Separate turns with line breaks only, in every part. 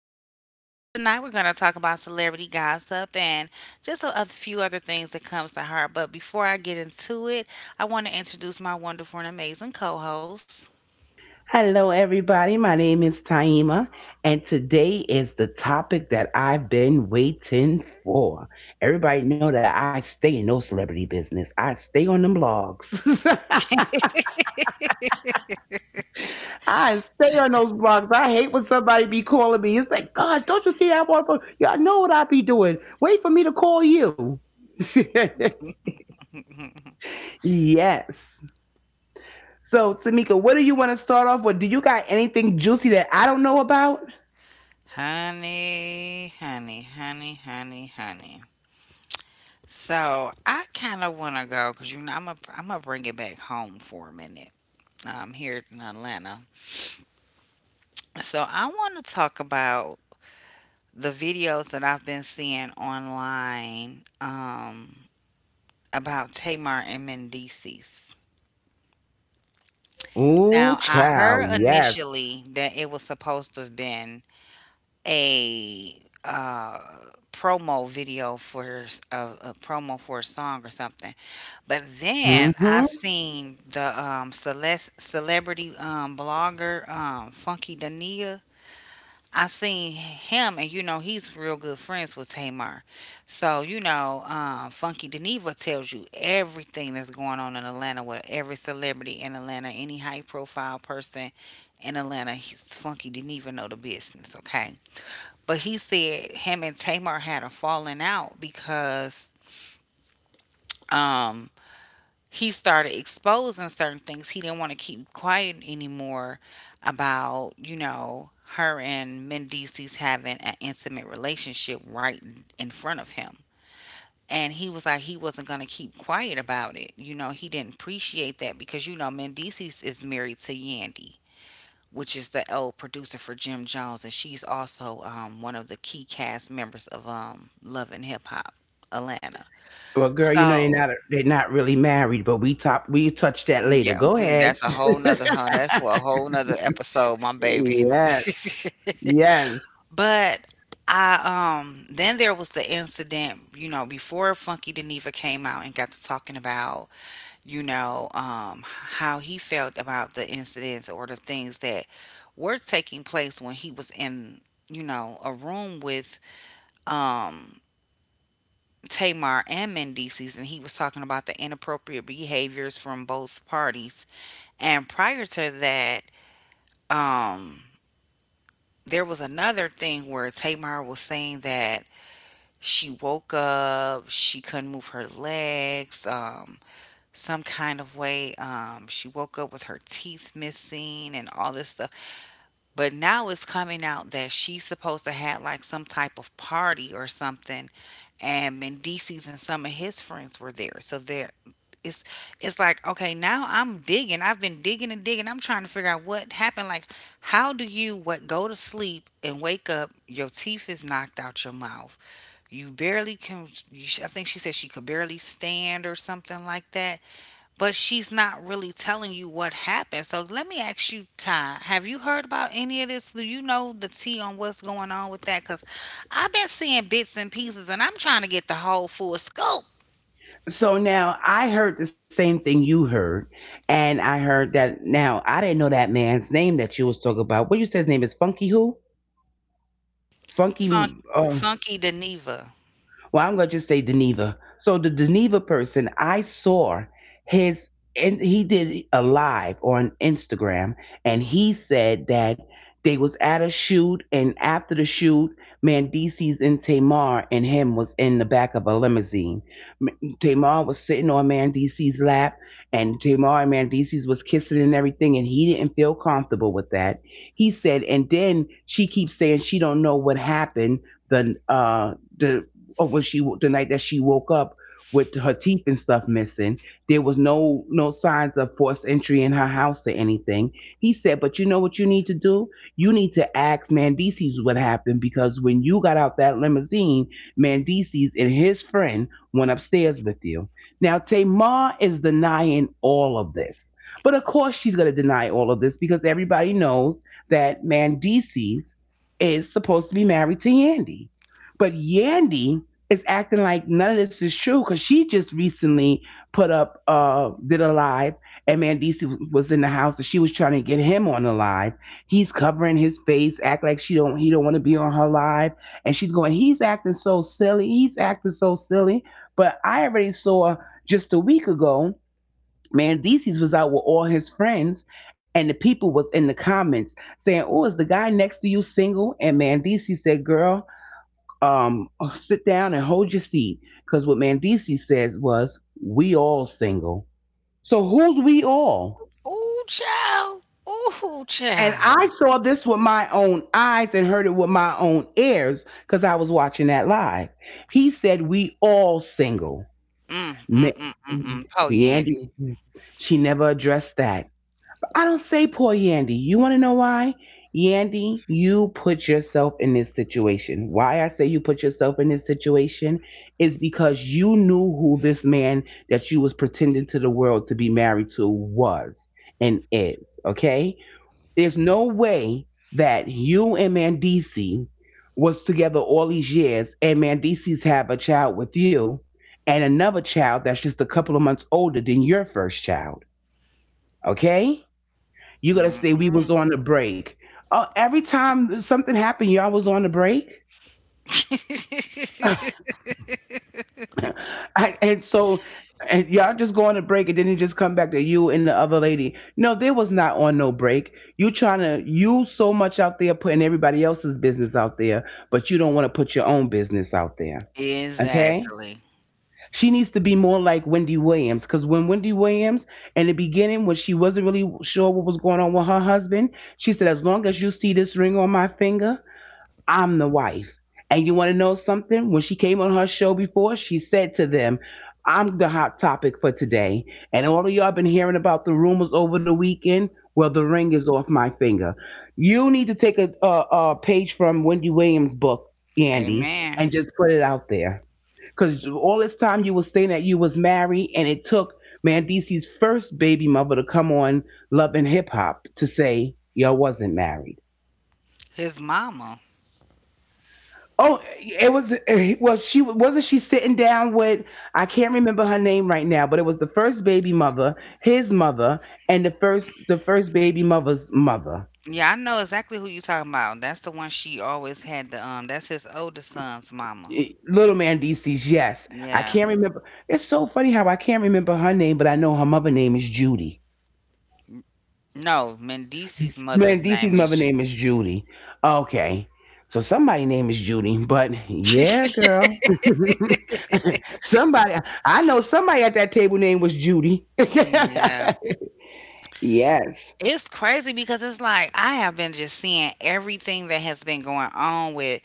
podcast. Tonight we're going to talk about celebrity gossip and just a few other things that comes to heart. But before I get into it, I want to introduce my wonderful and amazing co-host.
Hello, everybody. My name is Taima, and today is the topic that I've been waiting for. Everybody know that I stay in no celebrity business. I stay on them blogs. I stay on those blogs. I hate when somebody be calling me. It's like, God, don't you see that one? Y'all know what I be doing. Wait for me to call you. Yes. So, Tamika, what do you want to start off with? Do you got anything juicy that I don't know about?
Honey, honey, honey, honey, honey. So I kind of want to go because you know I'm gonna bring it back home for a minute. I'm here in Atlanta, so I want to talk about the videos that I've been seeing online, about Tamar and Mendices.
Ooh,
Now, I heard
child, yes.
initially that it was supposed to have been a promo video for a promo for a song or something, but then I
Mm-hmm.
seen the celebrity, blogger, Funky Dania. I seen him, and you know he's real good friends with Tamar. So you know, Funky Geneva tells you everything that's going on in Atlanta with every celebrity in Atlanta, any high profile person in Atlanta. Funky Geneva know the business, okay? But he said him and Tamar had a falling out because um he started exposing certain things. He didn't want to keep quiet anymore about, you know, her and Mendices having an intimate relationship right in front of him. And he was like, he wasn't going to keep quiet about it. You know, he didn't appreciate that because, you know, Mendices is married to Yandy, which is the old producer for Jim Jones. And she's also one of the key cast members of Love and Hip Hop Atlanta.
Well, girl, you know they're
So
not they're not really married, but we touch that later.
yeah,
Go
we
ahead.
that's a whole nother that's for a whole nother episode, my baby.
Yes. Yes.
But I, then there was the incident, you know, before Funky Geneva came out and got to talking about, you know, how he felt about the incidents or the things that were taking place when he was in, you know, a room with um Tamar and Mendices, and he was talking about the inappropriate behaviors from both parties. And prior to that, um there was another thing where Tamar was saying that she woke up, she couldn't move her legs, some kind of way. She woke up with her teeth missing and all this stuff. But now it's coming out that she's supposed to have like some type of party or something, and Mendices and some of his friends were there. So there, it's it's like okay, now I'm digging. I've been digging and digging. I'm trying to figure out what happened. Like, how do you, what, go to sleep and wake up? Your teeth is knocked out your mouth. You barely can. You, I think she said she could barely stand or something like that, but she's not really telling you what happened. So let me ask you, Ty, have you heard about any of this? Do you know the tea on what's going on with that? Because I've been seeing bits and pieces, and I'm trying to get the whole full scoop.
So now I heard the same thing you heard, and I heard that now I didn't know that man's name that you was talking about. What you said his name is Funky who? Funky.
Funk,
Uh,
funky Deneva.
well, I'm gonna just say Deneva. So the Deneva person, I saw his and he did a live on Instagram, and he said that they was at a shoot, and after the shoot, Mandisi's and Tamar and him was in the back of a limousine. Tamar was sitting on Mandisi's lap, and Tamar and Mandisi's was kissing and everything, and he didn't feel comfortable with that. He said, and then she keeps saying she don't know what happened. The uh, the the night that she woke up with her teeth and stuff missing, there was no signs of forced entry in her house or anything. He said, but you know what you need to do? You need to ask Mandices what happened because when you got out that limousine, Mandices and his friend went upstairs with you. Now Tamar is denying all of this. But of course she's gonna deny all of this because everybody knows that Mandices is supposed to be married to Yandy. But Yandy is acting like none of this is true because she just recently put up did a live, and Mandisi was in the house and she was trying to get him on the live. He's covering his face, act like she don't he don't want to be on her live, and she's going, he's acting so silly, he's acting so silly. But I already saw just a week ago. Mandisi's was out with all his friends, and the people was in the comments saying, "Oh, is the guy next to you single?" And Mandisi said, "Girl, um, sit down and hold your seat." Because what Mandisi says was, we all single. So who's we all?
Ooh, child. Ooh,
And I
child.
saw this with my own eyes and heard it with my own ears because I was watching that live. He said, we all single.
Mm, mm,
Ma-
mm, mm, mm. Po Yandy.
Yandy, she never addressed that. I don't say poor Yandy. You want to know why? Yandy, you put yourself in this situation. Why I say you put yourself in this situation is because you knew who this man that you was pretending to the world to be married to was and is, okay? There's no way that you and Mandisi was together all these years and Mandisi's have a child with you and another child that's just a couple of months older than your first child, okay? You gotta say we
Mm,
was on the break. Oh, every time something happened, y'all was on the break.
mm.
And so, and y'all just go on a break, and then you just come back to you and the other lady. No, they was not on no break. You trying to you so much out there putting everybody else's business out there, but you don't want to put your own business out there. Okay,
Exactly.
she needs to be more like Wendy Williams because when Wendy Williams, in the beginning, when she wasn't really sure what was going on with her husband, she said, "As long as you see this ring on my finger." I'm the wife. And you want to know something? When she came on her show before, she said to them, I'm the hot topic for today. And all of y'all been hearing about the rumors over the weekend. Well, the ring is off my finger. You need to take a page from Wendy Williams' book, Andy,
Amen.
and just put it out there. Because all this time you was saying that you was married, and it took Mandisi's first baby mother to come on Love and Hip Hop to say y'all wasn't married.
His mama.
Oh, it was well. She wasn't she sitting down with I can't remember her name right now, but it was the first baby mother, his mother, and the first baby mother's mother.
Yeah, I know exactly who you talking about. That's the one she always had the that's his oldest son's mama.
Little man DC's yes. I
Yeah.
can't remember. It's so funny how I can't remember her name, but I know her mother name is Judy.
No, Mendici's
Man,
mother's
DC's
name
mother
is
name is Judy. Okay, so somebody name is Judy, but
Ju-
yeah, girl, somebody I know somebody at that table name was Judy.
Yeah.
Yes.
It's crazy because it's like I have been just seeing everything that has been going on with,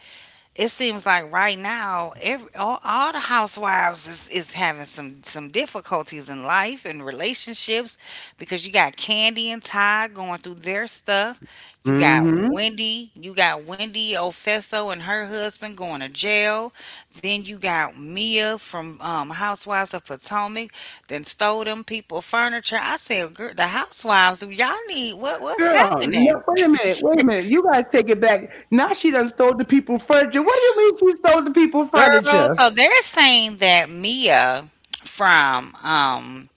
it seems like right now every, all the housewives is having some difficulties in life and relationships because you got Candy and Ty going through their stuff.
Mm-hmm.
You got Wendy Ofeso and her husband going to jail. Then you got Mia from, Housewives of Potomac, then stole them people furniture. I said, girl, the housewives, y'all need, what's
Girl, no,
happening?
wait a minute, wait a minute. You gotta take it back. Now she done stole the people furniture. What do you mean she stole the people
Girl,
furniture?
so they're saying that Mia from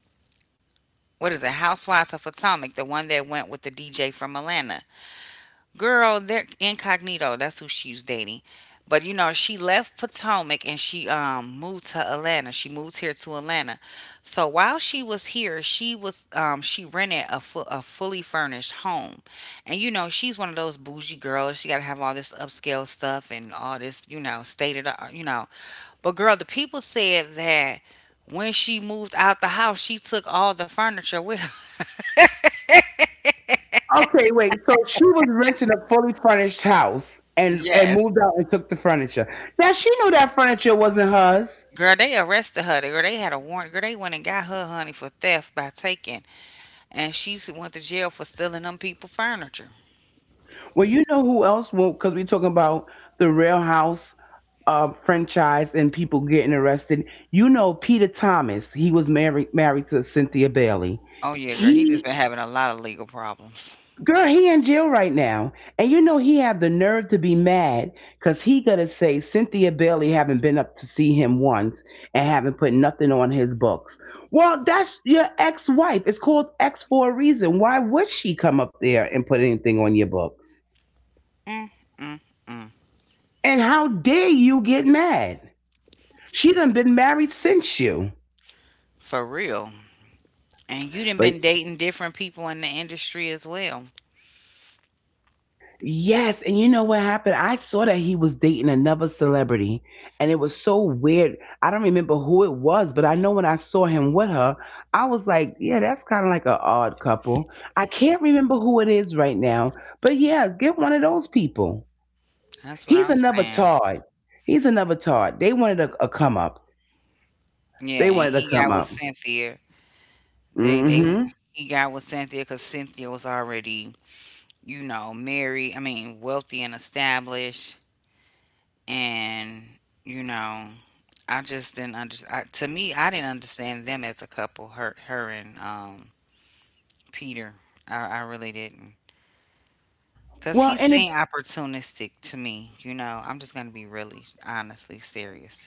what is it, Housewives of Potomac, the one that went with the DJ from Atlanta. Girl, they're incognito. That's who she was dating. But you know, she left Potomac and she moved to Atlanta. She moved here to Atlanta. So while she was here, she was she rented a a fully furnished home. And you know, she's one of those bougie girls. She got to have all this upscale stuff and all this, you know, state of the- you know, but girl, the people said that when she moved out the house, she took all the furniture with her.
Okay, wait. So she was renting a fully furnished house and
Yes.
moved out and took the furniture. Now she knew that furniture wasn't hers.
Girl, they arrested her. Girl, they had a warrant. Girl, they went and got her honey for theft by taking, and she went to jail for stealing them people furniture.
Well, you know who else won't? Because we talking about the Real House franchise and people getting arrested. You know Peter Thomas. He was married to Cynthia Bailey.
Oh yeah, girl, he just
He
been having a lot of legal problems.
Girl, he in jail right now. And you know he have the nerve to be mad because he gonna say Cynthia Bailey haven't been up to see him once and haven't put nothing on his books. Well, that's your ex-wife. It's called ex for a reason. Why would she come up there and put anything on your books?
Mm, mm, mm,
And how dare you get mad? She done been married since you.
for real. And you done
But
been dating different people in the industry as well.
Yes, and you know what happened? I saw that he was dating another celebrity, and it was so weird. I don't remember who it was, but I know when I saw him with her, I was like, yeah, that's kind of like an odd couple. I can't remember who it is right now, but yeah, get one of those people.
That's what
He's
I'm
another
saying.
Todd. He's another Todd. They wanted a come up.
Yeah,
They
and
wanted a
he got
come
with
up.
Cynthia. They
hmm
he got with Cynthia because Cynthia was already, you know, married, I mean, wealthy and established. And, you know, I just didn't understand. To me, I didn't understand them as a couple, her, her and, Peter. I really didn't. Because
Well,
he
any
seemed opportunistic to me, you know. I'm just going to be really, honestly serious.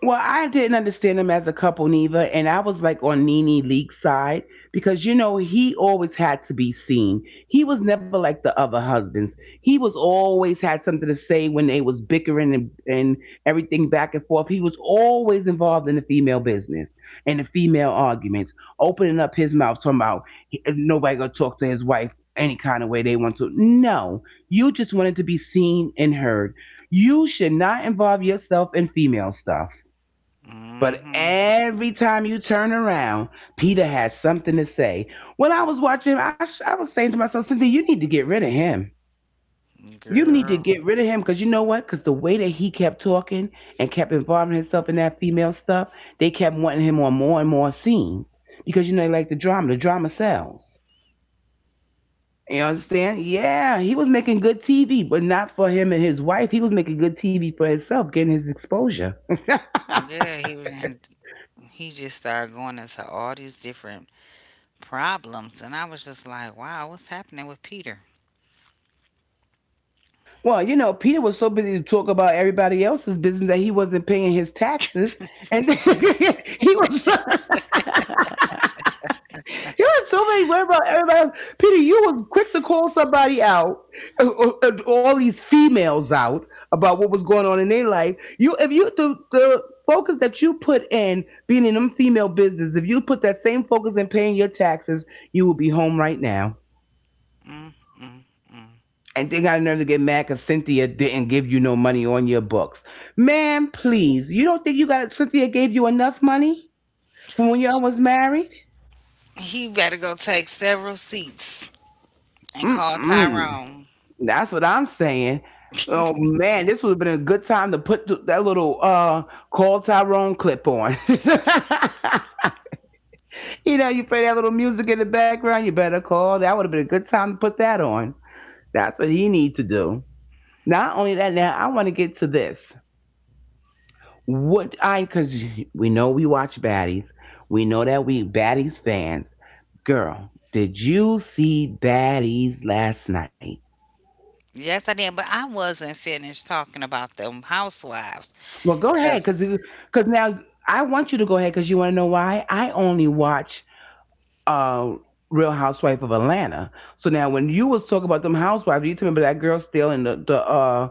well, I didn't understand them as a couple, Neva, and I was like on Nene Leak's side because you know he always had to be seen. He was never like the other husbands. He was always had something to say when they was bickering and everything back and forth. He was always involved in the female business and the female arguments, opening up his mouth talking about nobody gonna talk to his wife any kind of way they want to. No, you just wanted to be seen and heard. You should not involve yourself in female stuff. But
Mm-hmm.
every time you turn around, Peter has something to say. When I was watching him, I was saying to myself, Cynthia, you need to get rid of him. You need to
Girl.
get rid of him because you know what? Because the way that he kept talking and kept involving himself in that female stuff, they kept wanting him on more and more scenes because you know they like the drama. The drama sells. You understand? Yeah, he was making good TV, but not for him and his wife. He was making good TV for himself, getting his exposure.
Yeah, he was, and he just started going into all these different problems, and I was just like, wow, what's happening with Peter?
Well, you know, Peter was so busy to talk about everybody else's business that he wasn't paying his taxes, and he was so, he was so many worried about everybody else. Peter, you was quick to call somebody out, all these females out about what was going on in their life. If you the focus that you put in being in them female business, if you put that same focus in paying your taxes, you will be home right now.
Mm, mm, mm.
And they got a nerve to get mad because Cynthia didn't give you no money on your books. Man, please, you don't think you got Cynthia gave you enough money from when y'all was married?
He better go take several seats and call
Mm-mm.
Tyrone.
That's what I'm saying. Oh man, this would have been a good time to put that little call Tyrone clip on. You play that little music in the background. You better call. That would have been a good time to put that on. That's what he needs to do. Not only that, now I want to get to this. What I because we know we watch baddies. We know that we baddies fans. Girl, did you see baddies last night?
Yes, I did, but I wasn't finished talking about them housewives.
Well, go ahead
Cause
because now I want you to go ahead because you want to know why I only watch uh Real Housewife of Atlanta. So now when you was talking about them housewives, you remember that girl still in the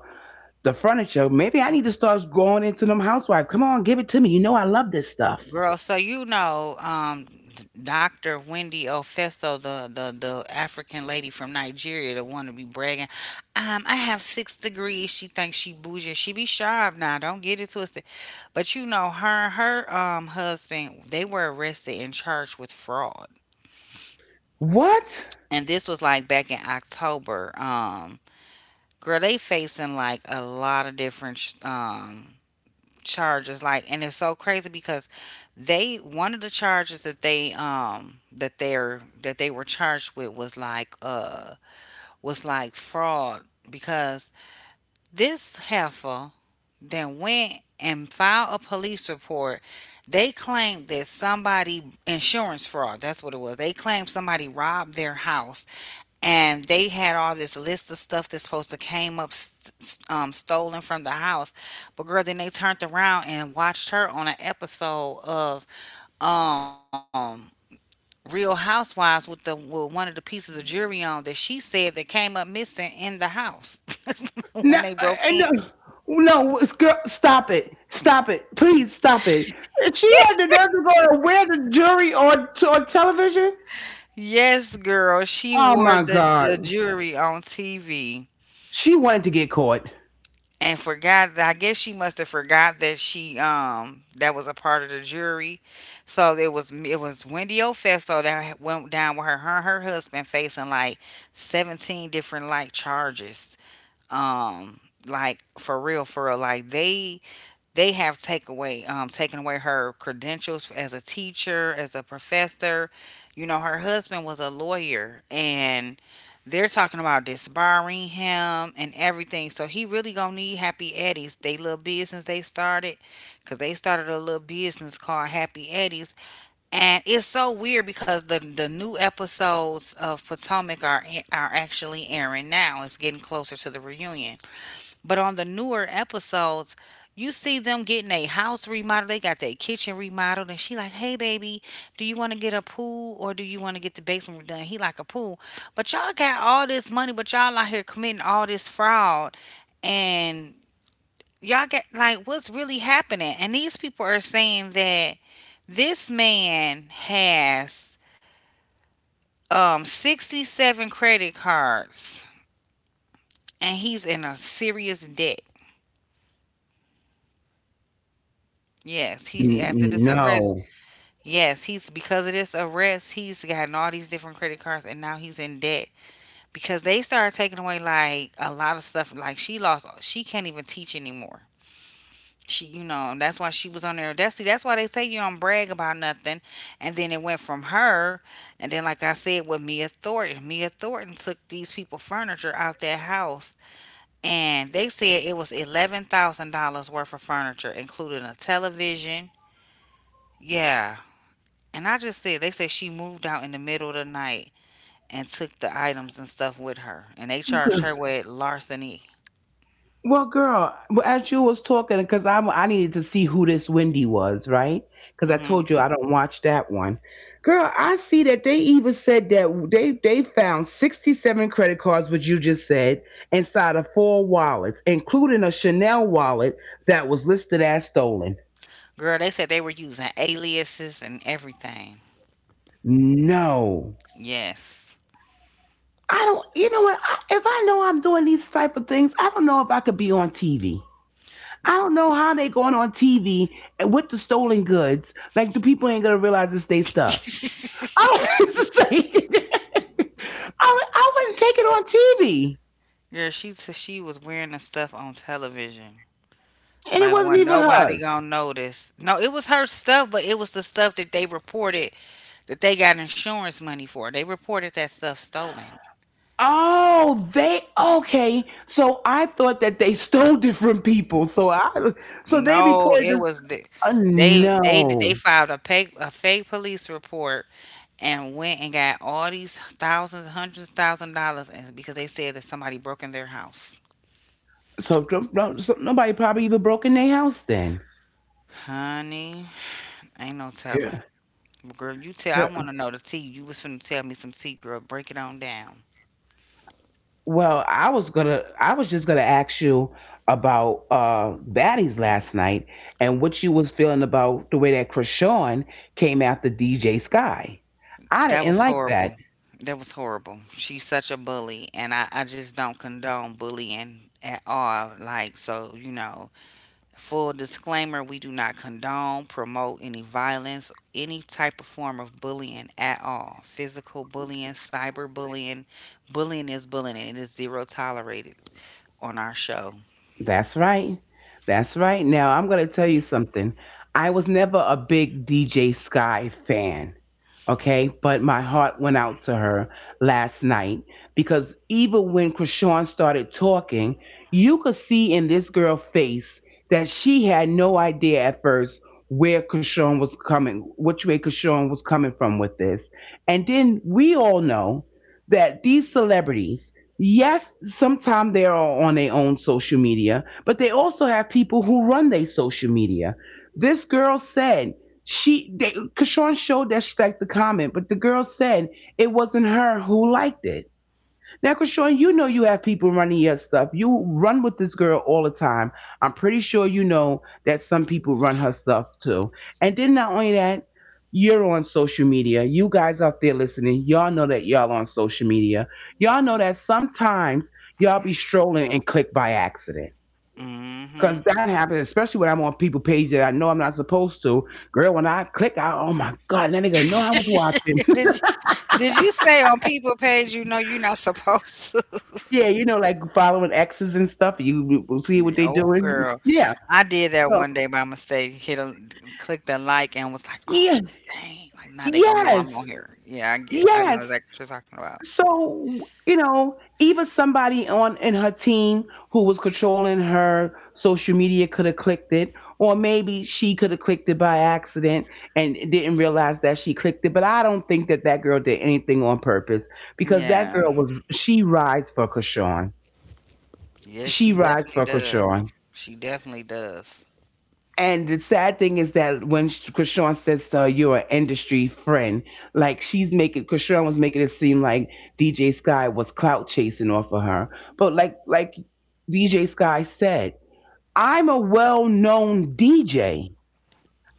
the furniture. Maybe I need to start going into them housewife. Come on, give it to me. You know I love this stuff.
girl, so you know, Doctor Wendy Ofeso, the African lady from Nigeria, the one to be bragging, I have 6 degrees. She thinks she bougie. She be sharp now. Don't get it twisted. But you know, her and her husband, they were arrested and charged with fraud.
What?
And this was like back in October. Girl, they facing like a lot of different charges, like, and it's so crazy because they one of the charges that they, that they're that they were charged with was like, was like fraud, because this heifer then went and filed a police report. They claimed that somebody, insurance fraud, that's what it was, they claimed somebody robbed their house, and they had all this list of stuff that's supposed to came up stolen from the house. But girl, then they turned around and watched her on an episode of, um Real Housewives, with the, with one of the pieces of jewelry on that she said that came up missing in the house when they
No,
broke in.
and no, girl, stop it. Stop it. Please stop it. And she had the nerve to go to where the jury on television?
Yes girl, she
Oh
wore
my
the
God.
jewelry on TV
She wanted to get caught.
and forgot that, I guess she must have forgot that she, that was a part of the jury. So it was, it was Wendy Ofeso that went down with her, her and her husband facing like 17 different like charges. Um like for real, for real, like they have take away, taken away her credentials as a teacher, as a professor. You know, her husband was a lawyer, and they're talking about disbarring him and everything. So he really gonna need Happy Eddie's. They little business they started, cause they started a little business called Happy Eddie's, and it's so weird because the new episodes of Potomac are actually airing now. It's getting closer to the reunion, but on the newer episodes, you see them getting a house remodeled. They got their kitchen remodeled, and she like, "Hey, baby, do you want to get a pool or do you want to get the basement done?" He like, a pool, but y'all got all this money, but y'all out here committing all this fraud, and y'all get, like, what's really happening? And these people are saying that this man has, 67 credit cards, and he's in a serious debt. Yes, he after
N-
this arrest,
No.
yes, he's, because of this arrest, he's gotten all these different credit cards and now he's in debt because they started taking away like a lot of stuff. Like she lost, she can't even teach anymore. She, you know, that's why she was on there. That's, see, that's why they say you don't brag about nothing. And then it went from her, and then like I said, with Mia Thornton, Mia Thornton took these people furniture out their house, and they said it was $11,000 worth of furniture, including a television. Yeah, and I just said, they said she moved out in the middle of the night and took the items and stuff with her. And they charged her with larceny.
Well, girl, well, as you was talking, because I needed to see who this Wendy was, right? Because I
Hmm.
told you I don't watch that one. Girl, I see that they even said that they found 67 credit cards, which you just said, inside of four wallets, including a Chanel wallet that was listed as stolen.
Girl, they said they were using aliases and everything.
No,
Yes.
I don't. You know what? I, if I know I'm doing these type of things, I don't know if I could be on TV. I don't know how they going on TV and with the stolen goods. Like the people ain't gonna realize it's their stuff. I don't it's like, I wouldn't take it on TV,
Girl, she was wearing the stuff on television.
and it
Like,
wasn't
when
even
nobody
hers.
gonna notice. No, it was her stuff, but it was the stuff that they reported that they got insurance money for. They reported that stuff stolen.
Oh, they okay. So I thought that they stole different people. So I so they
No,
reported
it
this.
was the,
Uh,
they they
no,
they filed a fake police report and went and got all these thousands, hundreds of thousand dollars and because they said that somebody broke in their house.
so, so nobody probably even broke in their house then.
Honey, ain't no
Good.
telling. Girl, you tell I wanna know the tea. You was finna tell me some tea, girl. Break it on down.
Well, I was just gonna ask you about baddies last night and what you was feeling about the way that Krishan came after DJ Sky. I
That
didn't
was
like that.
horrible. That was horrible. She's such a bully and I just don't condone bullying at all. Like so, full disclaimer, we do not condone, promote any violence, any type of form of bullying at all. Physical bullying, cyber bullying. Bullying is bullying, and it is zero tolerated on our show.
That's right. That's right. Now, I'm going to tell you something. I was never a big DJ Sky fan, okay? But my heart went out to her last night because even when Krishan started talking, you could see in this girl's face that she had no idea at first where Krishan was coming, which way Krishan was coming from with this. And then we all know that these celebrities, yes, sometimes they are on their own social media, but they also have people who run their social media. This girl said she, they, Kashawn showed that she liked the comment, but the girl said it wasn't her who liked it. Now, Krishan, you know you have people running your stuff. You run with this girl all the time. I'm pretty sure you know that some people run her stuff too. And then not only that, you're on social media. You guys out there listening, y'all know that y'all on social media. Y'all know that sometimes y'all be strolling and click by accident.
hmm
Cause that happens, especially when I'm on people page that I know I'm not supposed to. Girl, when I click out, oh my god, that nigga know I was
did,
watching.
you, did you say on people page you know you're not supposed to?
Yeah, you know, like following exes and stuff. You will see what they
Oh,
doing.
girl.
Yeah.
I did that
So
one day by mistake. Hit a, clicked the like and was like, oh,
yeah,
dang. Like, now they going to know I'm
yes,
on here. Yeah, I get it. I know
yes.
exactly what you're talking about.
So you know, even somebody on in her team who was controlling her social media could have clicked it, or maybe she could have clicked it by accident and didn't realize that she clicked it. But I don't think that that girl did anything on purpose because that
Yeah.
girl was she rides for Krishan.
Yes,
She
she
rides
definitely
for
does.
Krishan.
She definitely does.
And the sad thing is that when because Sean says you're an industry friend, like she's making because was making it seem like DJ Sky was clout chasing off of her, but like DJ Sky said, I'm a well-known DJ.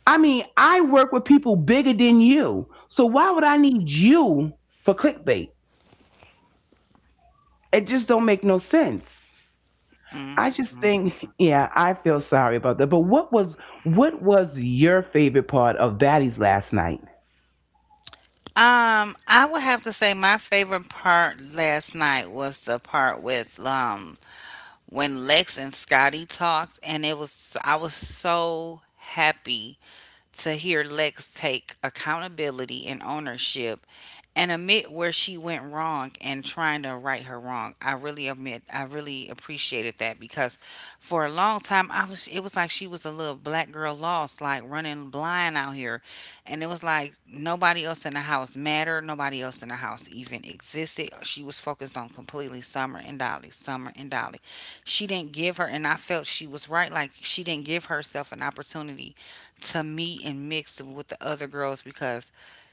I mean, I work with people bigger than you, so why would I need you for clickbait? It just don't make no sense.
mm
I just
mm.
think, yeah, I feel sorry about that. But what was your favorite part of Baddies last night?
I would have to say my favorite part last night was the part with when Lex and Scotty talked, and it was I was so happy to hear Lex take accountability and ownership and admit where she went wrong and trying to right her wrong. I really admit I really appreciated that because for a long time I was it was like she was a little black girl lost, like running blind out here. And it was like nobody else in the house mattered, nobody else in the house even existed. She was focused on completely Summer and Dolly, Summer and Dolly. She didn't give her and I felt she was right, like she didn't give herself an opportunity to meet and mix with the other girls because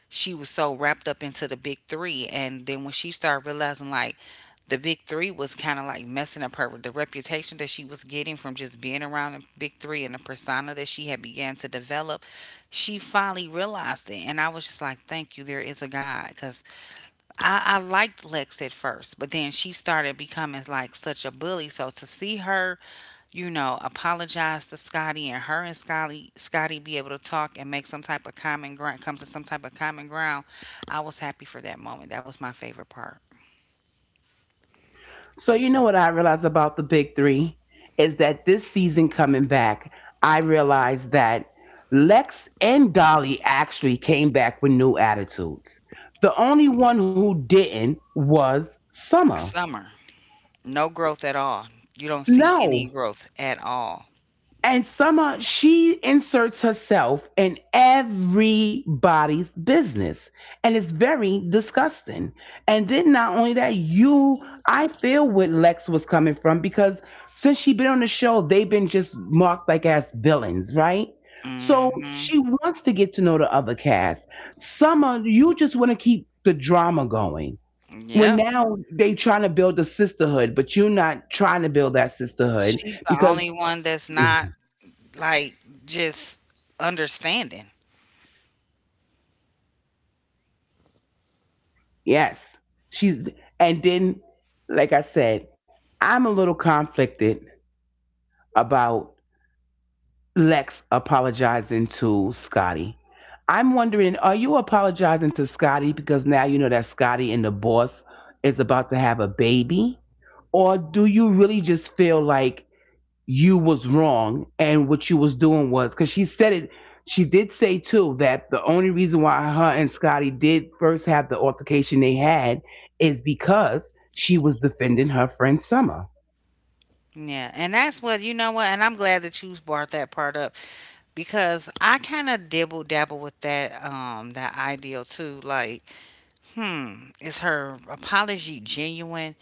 she was so wrapped up into the big three. And then when she started realizing, like, the big three was kind of like messing up her the reputation that she was getting from just being around the big three, and the persona that she had began to develop, she finally realized it. And I was just like, thank you, there is a god, because I liked Lex at first, but then she started becoming like such a bully. So to see her, you know, apologize to Scotty, and her and Scotty be able to talk and make some type of common ground come to some type of common ground, I was happy for that moment. That was my favorite part.
So you know what I realized about the big three is that this season coming back, I realized that Lex and Dolly actually came back with new attitudes. The only one who didn't was Summer.
Summer. No growth at all. You don't see any
No.
growth at all.
And Summer, she inserts herself in everybody's business. And it's very disgusting. And then not only that, I feel what Lex was coming from because since she been on the show, they've been just marked like as villains, right? So
Mm-hmm.
she wants to get to know the other cast. Summer, you just want to keep the drama going. When
Yep.
now they trying to build a sisterhood, but you're not trying to build that sisterhood
She's the only
because
one that's not, like, just understanding.
yes. She's and then like I said, I'm a little conflicted about Lex apologizing to Scotty. I'm wondering, are you apologizing to Scotty because now you know that Scotty and the boss is about to have a baby? Or do you really just feel like you was wrong and what you was doing was because she said it she did say too that the only reason why her and scotty did first have the altercation they had is because she was defending her friend summer.
Yeah, and that's what you know what, and I'm glad that you brought that part up because I kind of dibble dabble with that that ideal too. Like, hmm, is her apology genuine,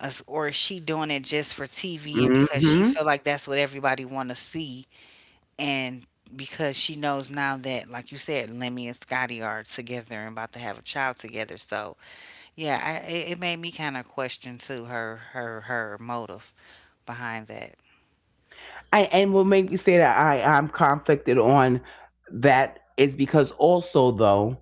Us- or is she doing it just for TV and because she
Mm-hmm.
feel like that's what everybody want to see, and because she knows now that, like you said, Lemmy and Scotty are together and about to have a child together. So yeah, I, it made me kind of question too her motive behind that.
I, and what made me say that I'm conflicted on that is because also though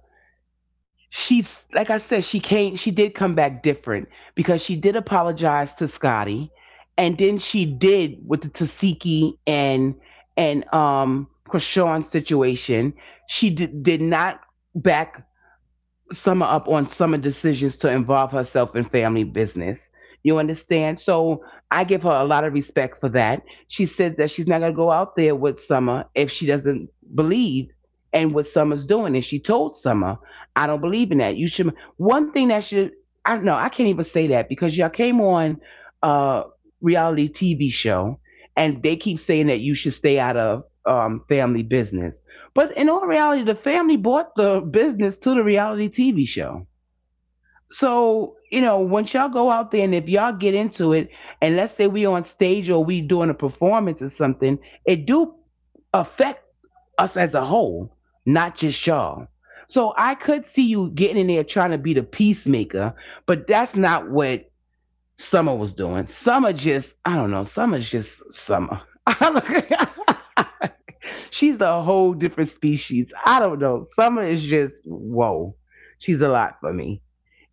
she's like I said, she came, she did come back different because she did apologize to Scotty, and then she did with the Tasiki and and Krishan situation. She did not back summer up on summer decisions to involve herself in family business. You understand? So I give her a lot of respect for that. She says that she's not going to go out there with Summer if she doesn't believe in what Summer's doing. And she told Summer, I don't believe in that. You should. One thing that should, I don't know, I can't even say that because y'all came on a reality TV show and they keep saying that you should stay out of family business. But in all reality, the family bought the business to the reality TV show. So, you know, once y'all go out there and if y'all get into it, and let's say we on stage or we doing a performance or something, it do affect us as a whole, not just y'all. So I could see you getting in there trying to be the peacemaker, but that's not what Summer was doing. Summer just, I don't know, Summer's just Summer. She's a whole different species. I don't know. Summer is just whoa. She's a lot for me.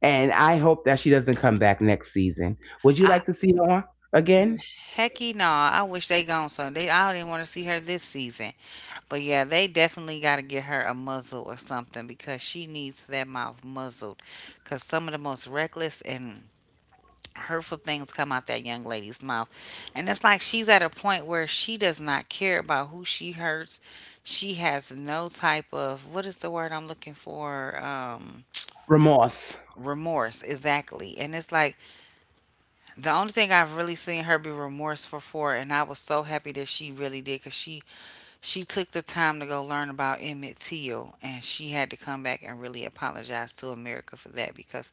And I hope that she doesn't come back next season. Would you like to see her again?
Hecky no, I wish they gone so they I didn't want to see her this season. But yeah, they definitely got to get her a muzzle or something because she needs that mouth muzzled. Because some of the most reckless and hurtful things come out that young lady's mouth. And it's like she's at a point where she does not care about who she hurts. She has no type of, what is the word I'm looking for?
Remorse.
Remorse, exactly. And it's like the only thing I've really seen her be remorseful for, and I was so happy that she really did, because she took the time to go learn about Emmett Till, and she had to come back and really apologize to America for that because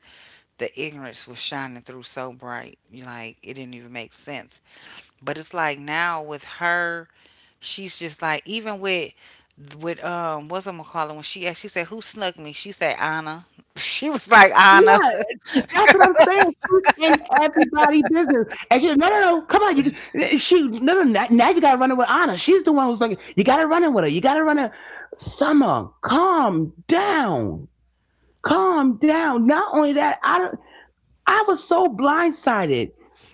the ignorance was shining through so bright, like it didn't even make sense. But it's like now with her, she's just like, even with what's, I'm gonna call it, when she asked, she said, who snuck me? She said Anna. She was like Anna.
Yeah, that's what I'm saying. She's in everybody's business. And she, no, no, no, come on. She, no, no, now you got to run it with Anna. She's the one who's like, you got to run it with her. You got to run it. Summer, calm down. Calm down. Not only that, I was so blindsided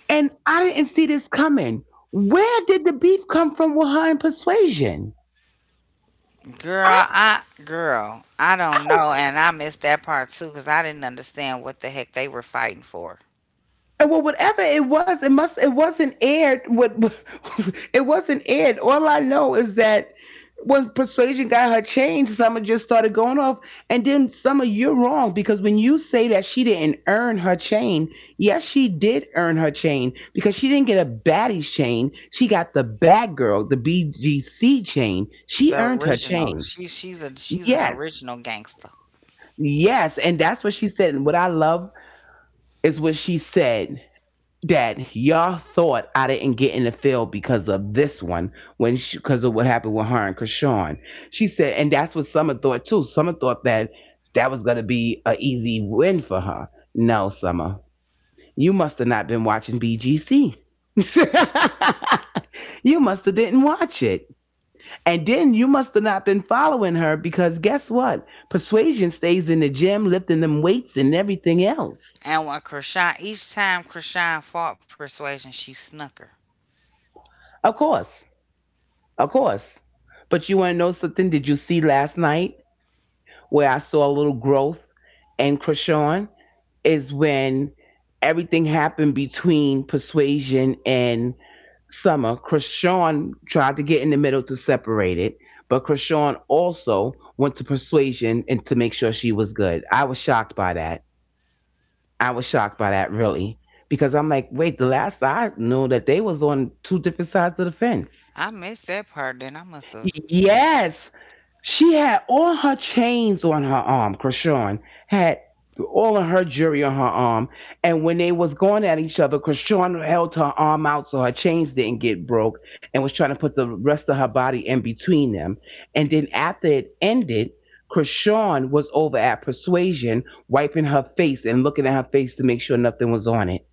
and I didn't see this coming. Where did the beef come from with her and persuasion? I,
Girl, I
I
don't
was.
know, and I missed that part too because I didn't understand what the heck they were fighting for.
And well, whatever it was, it must it wasn't aired. What it wasn't aired. All I know is that when Persuasion got her change, Summer just started going off. And then Summer, you're wrong because when you say that she didn't earn her chain, yes, she did earn her chain because she didn't get a baddie's chain. She got the bad girl, the BGC chain. She
The
earned her
original,
chain.
she she's an
Yes,
original gangster.
yes, and that's what she said. And what I love is what she said that y'all thought I didn't get in the field because of this one when because of what happened with her and Krishan. She said, and that's what Summer thought too. Summer thought that that was gonna be an easy win for her. No, Summer, you must have not been watching BGC. you must have didn't watch it, and then you must have not been following her because guess what? Persuasion stays in the gym lifting them weights and everything else.
And when Krishan, each time Krishan fought Persuasion, she snuck her.
Of course. Of course. But you want to know something? Did you see last night where I saw a little growth in Krishan? Is when everything happened between Persuasion and Summer. Krishan tried to get in the middle to separate it, but Krishan also went to Persuasion and to make sure she was good. I was shocked by that. I was shocked by that, really. Because I'm like, wait, the last I knew that they was on two different sides of the fence.
I missed that part. Then I must have.
Yes, she had all her chains on her arm. Krishan had all of her jewelry on her arm. And when they was going at each other, Krishan held her arm out so her chains didn't get broke and was trying to put the rest of her body in between them. And then after it ended, Krishan was over at Persuasion, wiping her face and looking at her face to make sure nothing was on it.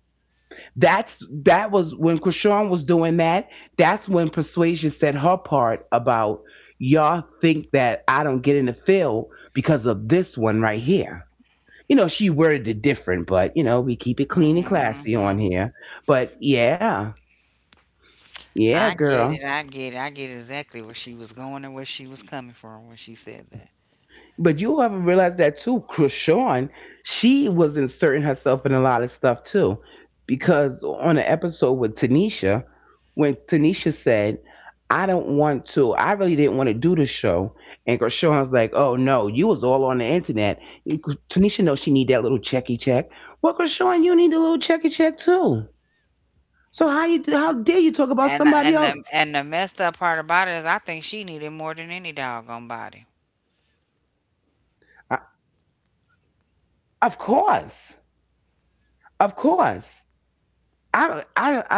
That's that was when Krishan was doing that. That's when Persuasion said her part about y'all think that I don't get in the field because of this one right here. You know, she worded it different, but you know, we keep it clean and classy on
hmm
here. But yeah, yeah,
I get
girl.
it. I get it. I get exactly where she was going and where she was coming from when she said that.
But you haven't realized that too. Krishan, she was inserting herself in a lot of stuff too. Because on an episode with Tanisha, when Tanisha said, I don't want to, I really didn't want to do the show. And Krishan was like, oh no, you was all on the internet. Tanisha knows she need that little checky check. Well, Krishan, you need a little checky check too. So how you how dare you talk about somebody else?
And the messed up part about it is, I think she needed more than any doggone body.
I, of course. Of course. I don't know.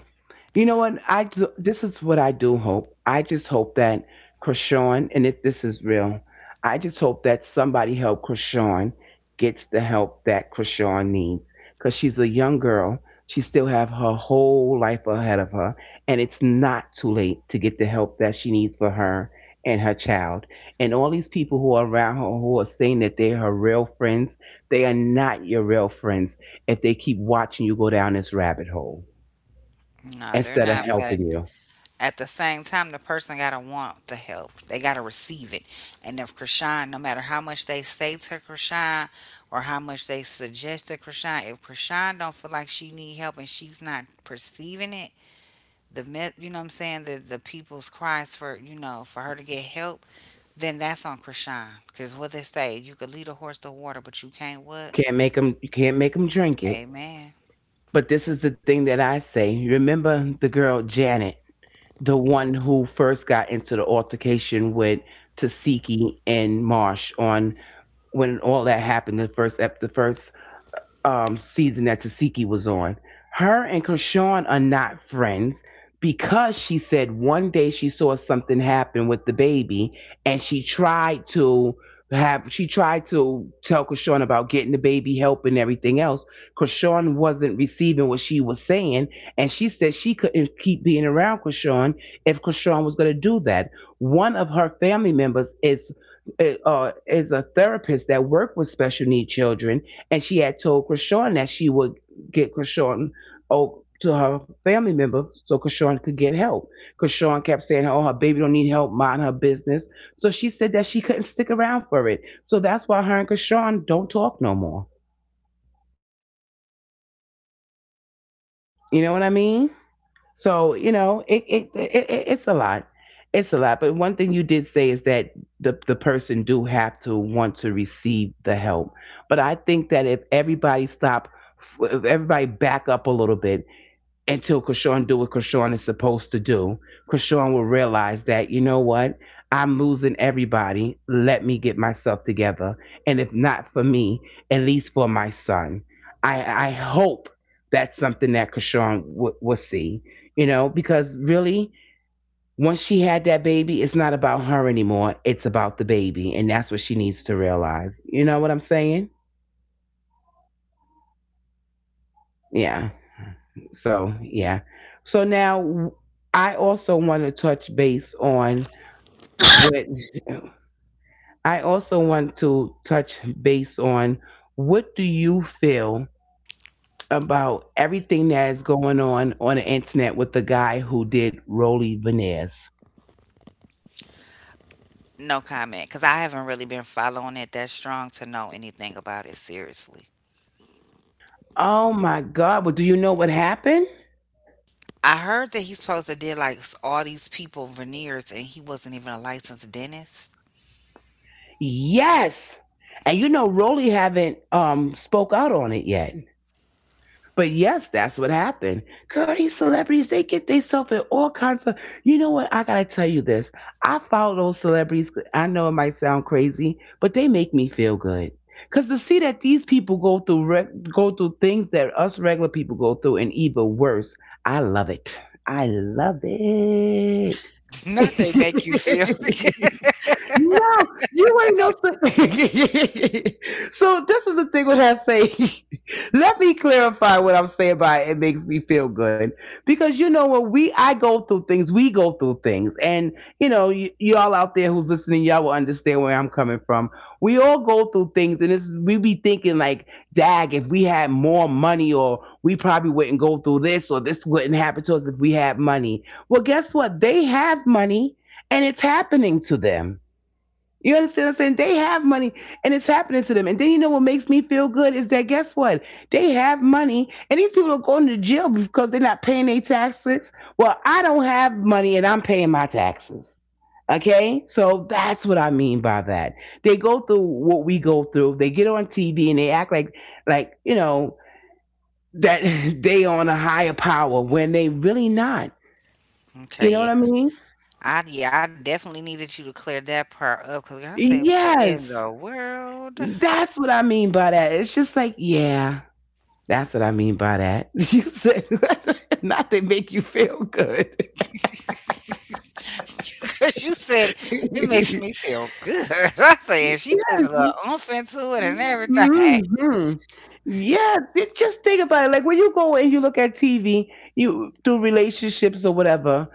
You know what? This is what I do hope. I just hope that Krishan, and if this is real, I just hope that somebody help Krishan gets the help that Krishan needs because she's a young girl. She still have her whole life ahead of her, and it's not too late to get the help that she needs for her and her child. And all these people who are around her who are saying that they're her real friends, they are not your real friends if they keep watching you go down this rabbit hole
No, they're
instead of
not, but
helping you.
at the same time, the person gotta want the help. They gotta receive it. And if Krishan, no matter how much they say to Krishan or how much they suggest to Krishan, if Krishan don't feel like she need help and she's not perceiving it, you know what I'm saying, the people's cries for you know for her to get help, then that's on Krishan. Cause what they say, you could lead a horse to water, but you can't what?
Can't make them. You can't make them drink it.
Amen.
But this is the thing that I say. Remember the girl Janet, the one who first got into the altercation with Tasiki and Marsh on when all that happened. The first the first season that Tasiki was on. Her and Krishan are not friends because she said one day she saw something happen with the baby and she tried to have she tried to tell Krishan about getting the baby help and everything else. Krishan wasn't receiving what she was saying and she said she couldn't keep being around Krishan if Krishan was going to do that. One of her family members is a therapist that work with special need children and she had told Krishan that she would get Krishan oh, to her family member so Krishan could get help. Krishan kept saying, "Oh, her baby don't need help, mind her business." So she said that she couldn't stick around for it. So that's why her and Krishan don't talk no more. You know what I mean? So you know, it's a lot. It's a lot, but one thing you did say is that the person do have to want to receive the help. But I think that if everybody stop, if everybody back up a little bit until Krishan do what Krishan is supposed to do, Krishan will realize that, you know what? I'm losing everybody. Let me get myself together. And if not for me, at least for my son. I hope that's something that Krishan will see, you know, because really, once she had that baby, it's not about her anymore. It's about the baby. And that's what she needs to realize. You know what I'm saying? Yeah. So, yeah. So now I also want to touch base on what I also want to touch base on what do you feel about everything that is going on the internet with the guy who did Rolly Veneers?
No comment, cause I haven't really been following it that strong to know anything about it seriously.
Oh my God! But do you know what happened?
I heard that he's supposed to did like all these people veneers and he wasn't even a licensed dentist.
Yes, and you know Rolly haven't spoke out on it yet. But yes, that's what happened. Girl, these celebrities, they get themselves in all kinds of. You know what? I gotta tell you this. I follow those celebrities. I know it might sound crazy, but they make me feel good. Cause to see that these people go through go through things that us regular people go through, and even worse, I love it. I love it.
Not they make you feel.
No, you ain't no. So this is the thing when I say, let me clarify what I'm saying by it makes me feel good because you know when we I go through things, we go through things, and you know y'all out there who's listening, y'all will understand where I'm coming from. We all go through things, and it's we be thinking like, dag, if we had more money, or we probably wouldn't go through this, or this wouldn't happen to us if we had money. Well, guess what? They have money, and it's happening to them. You understand what I'm saying? They have money and it's happening to them. And then you know what makes me feel good is that guess what? They have money and these people are going to jail because they're not paying their taxes. Well, I don't have money and I'm paying my taxes. Okay, so that's what I mean by that. They go through what we go through. They get on TV and they act like that they on a higher power when they really not. You
Okay,
know what
yeah.
I mean?
I yeah, I definitely needed you to clear that part up because I said, what in
Yes,
the world?
that's what I mean by that. It's just like, yeah. That's what I mean by that. You said not to make you feel good.
Because you said it makes me feel good. I said she puts a little oomph into it and everything.
Hmm. Yes, just think about it. Like when you go and you look at TV, you through relationships or whatever,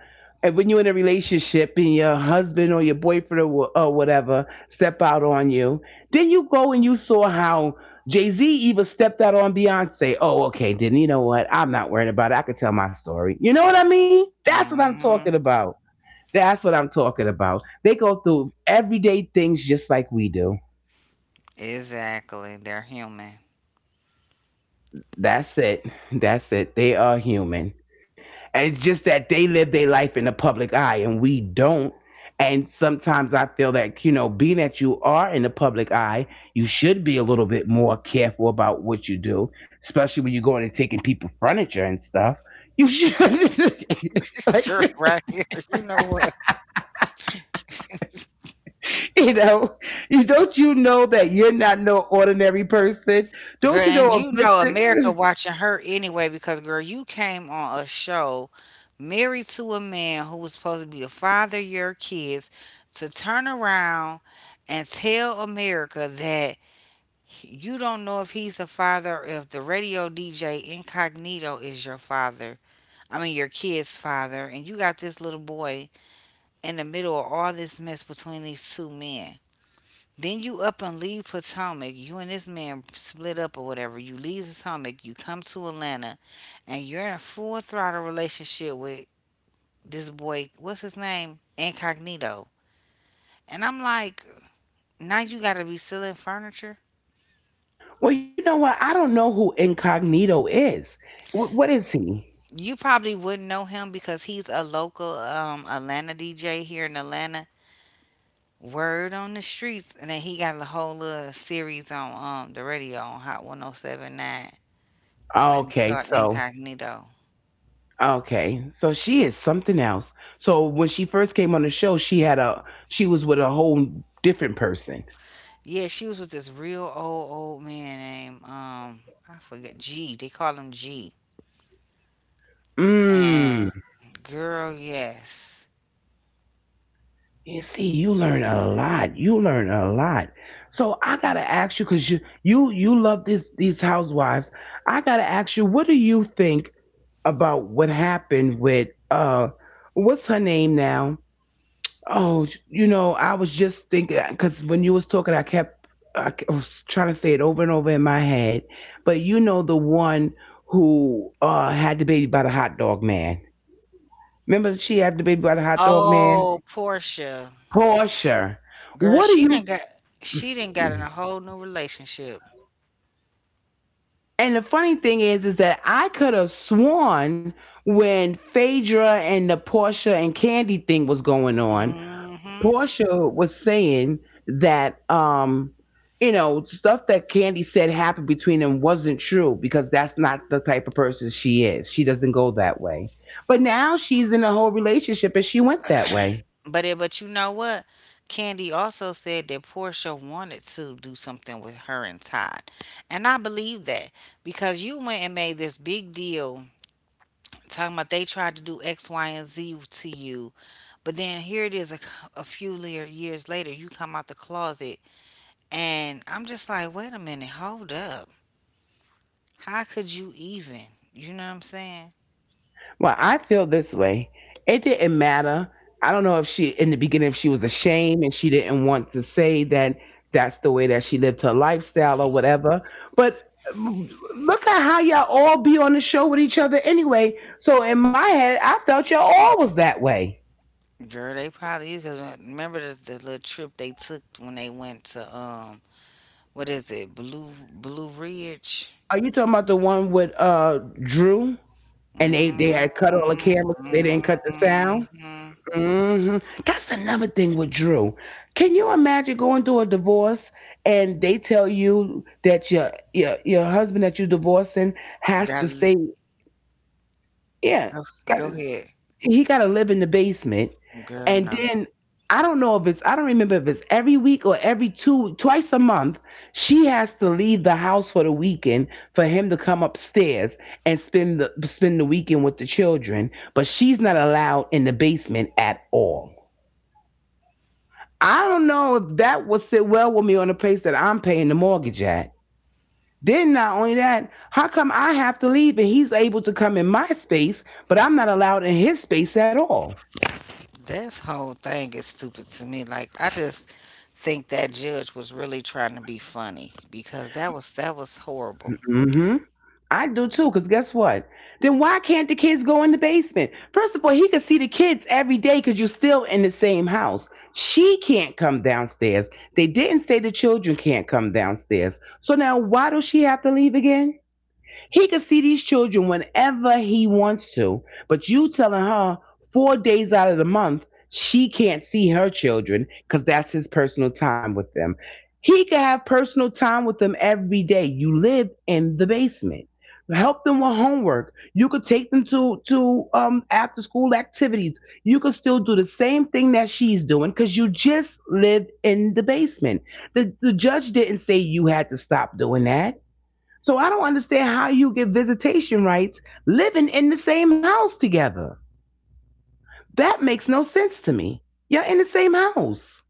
and when you're in a relationship and your husband or your boyfriend or, or whatever step out on you, then you go and you saw how Jay Z even stepped out on Beyonce. Oh, okay, then you know what? I'm not worried about it. I could tell my story. You know what I mean? That's what I'm
hmm
talking about. That's what I'm talking about. They go through everyday things just like we do.
Exactly. They're human.
That's it. That's it. They are human. And it's just that they live their life in the public eye and we don't. And sometimes I feel that, you know, being that you are in the public eye, you should be a little bit more careful about what you do, especially when you're going and taking people furniture and stuff. You should
You're
like
right here. You know what?
you know, you don't you know that you're not no ordinary person?
Girl,
Don't you know
and you
a good
know America
thing?
watching her anyway because girl, you came on a show married to a man who was supposed to be the father of your kids to turn around and tell America that you don't know if he's the father or if the radio DJ Incognito is your father. I mean your kid's father, and you got this little boy in the middle of all this mess between these two men. Then you up and leave Potomac. You and this man split up or whatever. You leave Potomac. You come to Atlanta, and you're in a full throttle relationship with this boy. What's his name? Incognito. And I'm like, now you got to be selling furniture.
Well, you know what? I don't know who Incognito is. What is he?
You probably wouldn't know him because he's a local Atlanta DJ here in Atlanta. Word on the streets, and then he got a whole little series on the radio on Hot 107.9. His name is
Okay,
called
so
Incognito.
she is something else. So when she first came on the show, she was with a whole different person.
Yeah, she was with this real old man named I forget G. They call him G.
Mm.
And girl, yes.
You see, you learn a lot. You learn a lot. So I gotta ask you, cause you love this these housewives. I gotta ask you, what do you think about what happened with what's her name now? Oh, you know, I was just thinking, cause when you was talking, I kept I ke- I was trying to say it over and over in my head. But you know, the one who had the baby by the hot dog man. Remember, she had the baby by the hot dog man.
Oh, Portia.
Portia,
Girl,
what do
she didn't got in
you
a whole new relationship.
and the funny thing is that I could have sworn when Phaedra and the Portia and Candy thing was going on,
hmm
Portia was saying that, you know, stuff that Candy said happened between them wasn't true because that's not the type of person she is. She doesn't go that way. But now she's in a whole relationship and she went that way.
But you know what? Candy also said that Portia wanted to do something with her and Todd. And I believe that because you went and made this big deal talking about they tried to do X, Y, and Z to you. But then here it is a years later, you come out the closet. And I'm just like, wait a minute, hold up. How could you even? You know what I'm saying?
Well, I feel this way. It didn't matter. I don't know if she, in the beginning, if she was ashamed and she didn't want to say that that's the way that she lived her lifestyle or whatever. But look at how y'all all be on the show with each other anyway. So in my head, I felt y'all all was that way.
Girl, they probably is. 'Cause remember the little trip they took when they went to, what is it, Blue Ridge?
Are you talking about the one with Drew and they had cut all the cameras, but they
Mm-hmm.
didn't cut the sound?
Mm-hmm.
Hmm. That's another thing with Drew. Can you imagine going through a divorce and they tell you that your husband that you're divorcing has to
Gotta, l-
stay? Yeah,
go,
got
go ahead.
he got to live in the basement,
Girl,
and
no.
then I don't know if it's I don't remember if it's every week or every two twice a month she has to leave the house for the weekend for him to come upstairs and spend the weekend with the children, but she's not allowed in the basement at all. I don't know if that will sit well with me on the place that I'm paying the mortgage at. Then not only that, how come I have to leave and he's able to come in my space, but I'm not allowed in his space at all?
This whole thing is stupid to me. Like I just think that judge was really trying to be funny because that was horrible.
Hmm. I do too, because guess what? Then why can't the kids go in the basement? First of all, he could see the kids every day because you're still in the same house. She can't come downstairs. They didn't say the children can't come downstairs. So now why does she have to leave again? He can see these children whenever he wants to, but you telling her four days out of the month she can't see her children because that's his personal time with them. He can have personal time with them every day. You live in the basement. Help them with homework. You could take them to after school activities. You could still do the same thing that she's doing because you just live in the basement. The judge didn't say you had to stop doing that. So I don't understand how you get visitation rights living in the same house together. That makes no sense to me. You're in the same house.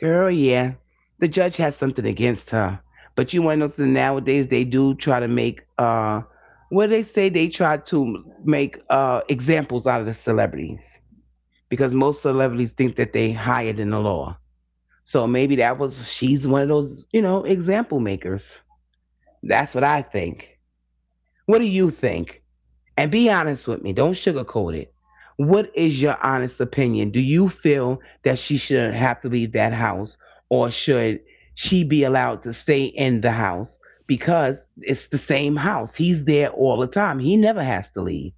Girl, yeah. The judge has something against her. But you want to know something? Nowadays, they do try to make, what do they say? They try to make examples out of the celebrities because most celebrities think that they higher than the law. So maybe that was, she's one of those, you know, example makers. That's what I think. What do you think? And be honest with me. Don't sugarcoat it. What is your honest opinion? Do you feel that she should have to leave that house or should she be allowed to stay in the house? Because it's the same house. He's there all the time. He never has to leave.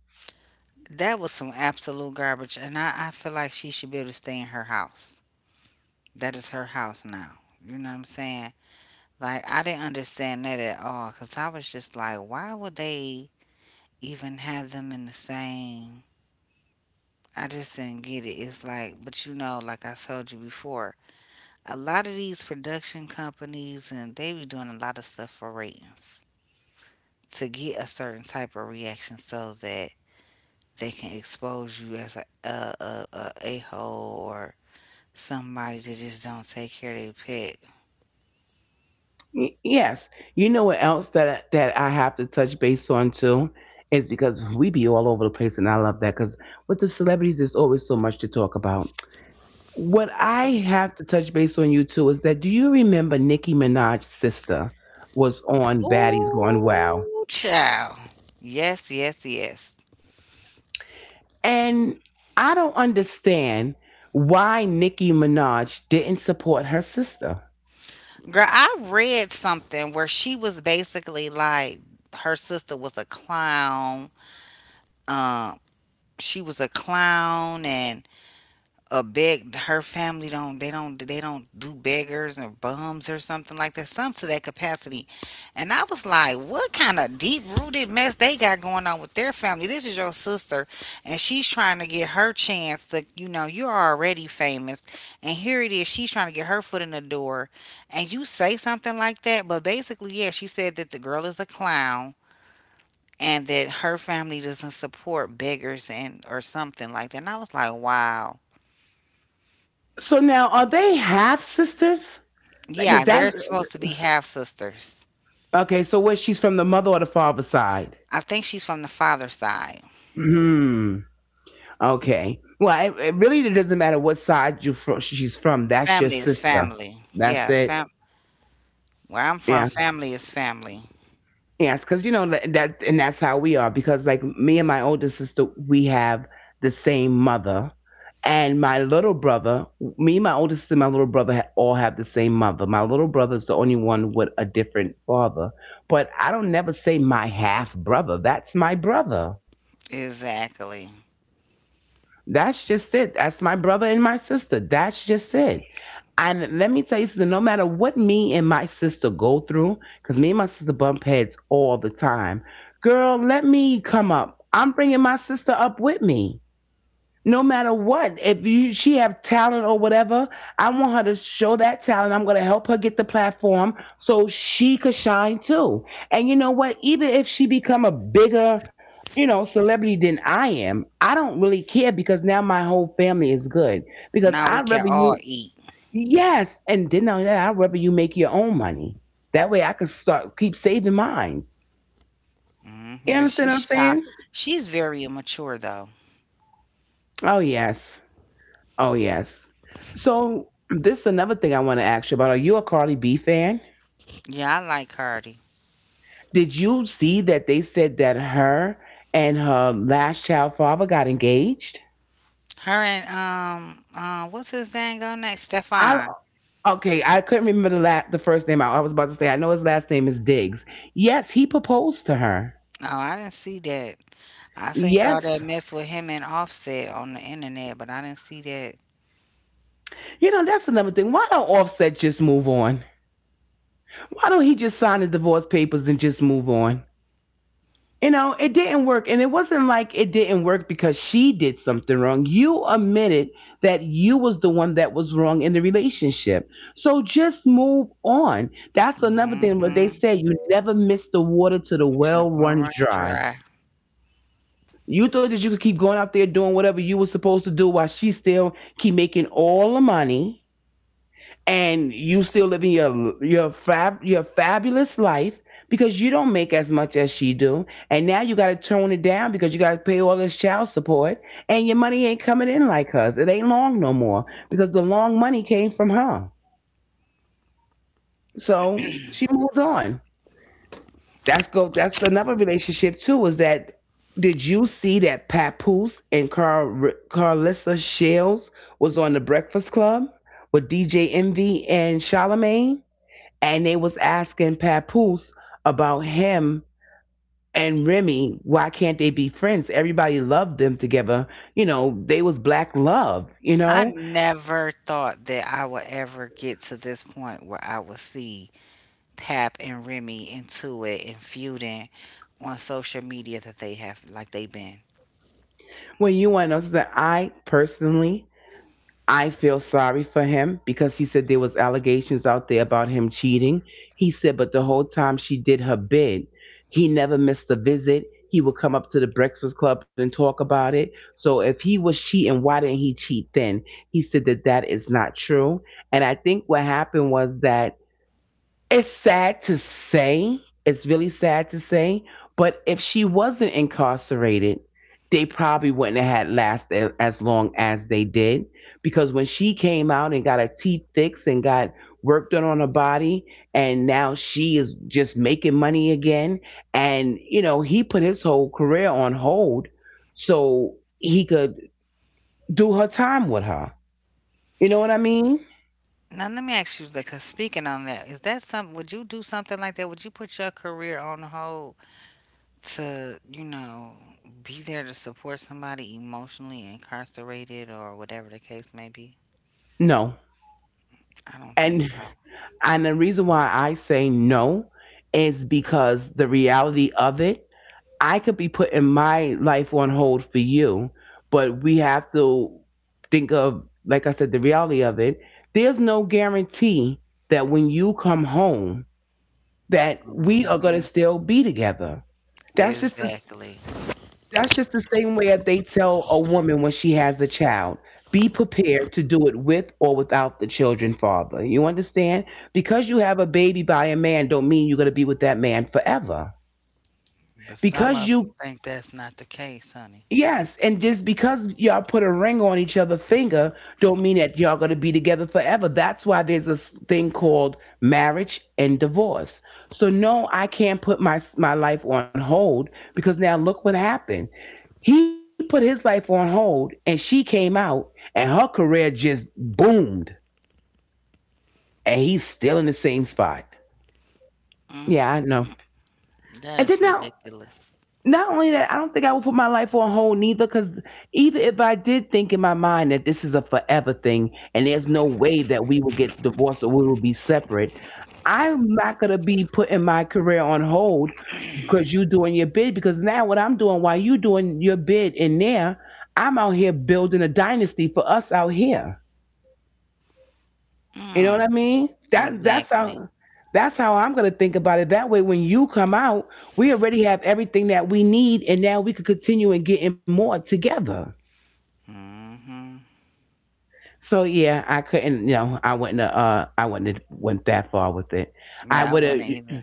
That was some absolute garbage, and I feel like she should be able to stay in her house. That is her house now. You know what I'm saying? Like I didn't understand that at all cuz I was just like, why would they even have them in the same I just didn't get it. It's like, but you know, like I told you before, a lot of these production companies and they be doing a lot of stuff for ratings to get a certain type of reaction so that they can expose you as a hole or somebody that just don't take care of their pet.
Yes. You know what else that I have to touch base on too? Is because we be all over the place and I love that because with the celebrities there's always so much to talk about. What I have to touch base on you too is that do you remember Nicki Minaj's sister was on Baddies Gone Wow?
Ooh, child. Yes, yes, yes.
And I don't understand why Nicki Minaj didn't support her sister.
Girl, I read something where she was basically like her sister was a clown. Um, she was a clown and a beg her family don't they don't do beggars or bums or something like that, some to that capacity. And I was like, what kind of deep rooted mess they got going on with their family? This is your sister, and she's trying to get her chance to, you know, you're already famous, and here it is, she's trying to get her foot in the door, and you say something like that. But basically, yeah, she said that the girl is a clown and that her family doesn't support beggars and or something like that, and I was like, wow.
So now are they half sisters? Like is
Yeah,
that
they're supposed to be half sisters.
okay, so where she's from the mother or the father side?
I think she's from the father's side.
Hmm. Okay. Well, it really doesn't matter what side you from she's from. That's your
Family is
sister.
family.
That's
Yeah,
it.
fam. Where I'm from,
Yeah.
family is family.
Yes, because you know and that's how we are. Because like me and my older sister, we have the same mother, and my little brother, me, my older sister, and my little brother all have the same mother. My little brother is the only one with a different father. But I don't never say my half brother. That's my brother.
Exactly.
That's just it. That's my brother and my sister. That's just it. And let me tell you something, no matter what me and my sister go through, because me and my sister bump heads all the time, girl, let me come up. I'm bringing my sister up with me no matter what if you she have talent or whatever. I want her to show that talent. I'm going to help her get the platform so she could shine too. And you know what, even if she become a bigger, you know, celebrity than I am, I don't really care because now my whole family is good, because
Now we
I'd
can
rather
all
you.
eat.
Yes, and then on that, I'd rather you make your own money, that way I could start keep saving mines. You
Hmm. But
understand what
she's
I'm
shy.
saying?
She's very immature though.
Oh yes. Oh yes. So this is another thing I want to ask you about. Are you a Carly B fan?
Yeah, I like Cardi.
Did you see that they said that her and her last child father got engaged?
Her and what's his name go next?
I
Stefan.
okay. I couldn't remember the the first name. I was about to say. I know his last name is Diggs. Yes, he proposed to her.
Oh, I didn't see that. I seen all
Yes.
that mess with him and Offset on the internet, but I didn't see that.
You know that's another thing. Why don't Offset just move on? Why don't he just sign the divorce papers and just move on? You know, it didn't work. And it wasn't like it didn't work because she did something wrong. You admitted that you was the one that was wrong in the relationship. So just move on. That's another thing what they
Mm-hmm.
say. You never miss the water till the well
Except well
runs
run
dry.
dry.
You thought that you could keep going out there doing whatever you were supposed to do while she still keep making all the money, and you still living your fabulous life because you don't make as much as she do, and now you got to tone it down because you got to pay all this child support, and your money ain't coming in like hers, it ain't long no more because the long money came from her. So she moved on. That's another relationship too is that, did you see that Papoose and Carlissa Shields was on the Breakfast Club with DJ Envy and Charlamagne? And they was asking Papoose about him and Remy. Why can't they be friends? Everybody loved them together. You know, they was black love. You
I
know,
never thought that I would ever get to this point where I would see Pap and Remy into it and feuding on social media that they have like they been.
when you and us, I personally, I feel sorry for him because he said there was allegations out there about him cheating. He said, but the whole time she did her bid, he never missed a visit. He would come up to the Breakfast Club and talk about it. So if he was cheating, why didn't he cheat then? He said that that is not true. And I think what happened was that, it's sad to say. It's really sad to say. But if she wasn't incarcerated, they probably wouldn't have had lasted as long as they did. Because when she came out and got her teeth fixed and got work done on her body, and now she is just making money again. And, you know, he put his whole career on hold so he could do her time with her. You know what I mean?
Now let me ask you, because speaking on that, is that something? Would you do something like that? Would you put your career on hold to, be there to support somebody emotionally incarcerated or whatever the case may be?
No.
I don't think
And
so.
and the reason why I say no is because the reality of it, I could be putting my life on hold for you, but we have to think of, like I said, the reality of it. There's no guarantee that when you come home, that we are going to
Hmm.
still be together. That's just
Exactly.
that's just the same way that they tell a woman when she has a child. Be prepared to do it with or without the children father. You understand? Because you have a baby by a man don't mean you're going to be with that man forever.
But some
Because
of them
you.
think that's not the case, honey.
Yes, and just because y'all put a ring on each other's finger, don't mean that y'all gonna be together forever. That's why there's this thing called marriage and divorce. So no, I can't put my life on hold because now look what happened. He put his life on hold, and she came out, and her career just boomed, and he's still in the same spot.
Mm,
Yeah, I know. And
that
then
is
now
ridiculous.
not only that, I don't think I would put my life on hold neither, because even if I did think in my mind that this is a forever thing and there's no way that we will get divorced or we will be separate, I'm not gonna be putting my career on hold because you doing your bid. Because now what I'm doing while you doing your bid in there, I'm out here building a dynasty for us out here. You know what
Mm,
I mean? That that's
exactly.
how that's how I'm gonna think about it. That way, when you come out, we already have everything that we need, and now we could continue and getting more together.
Hmm.
So yeah, I couldn't. You know, I wouldn't I wouldn't have went that far with it. I
Yeah, I
would
wouldn't
have.
either.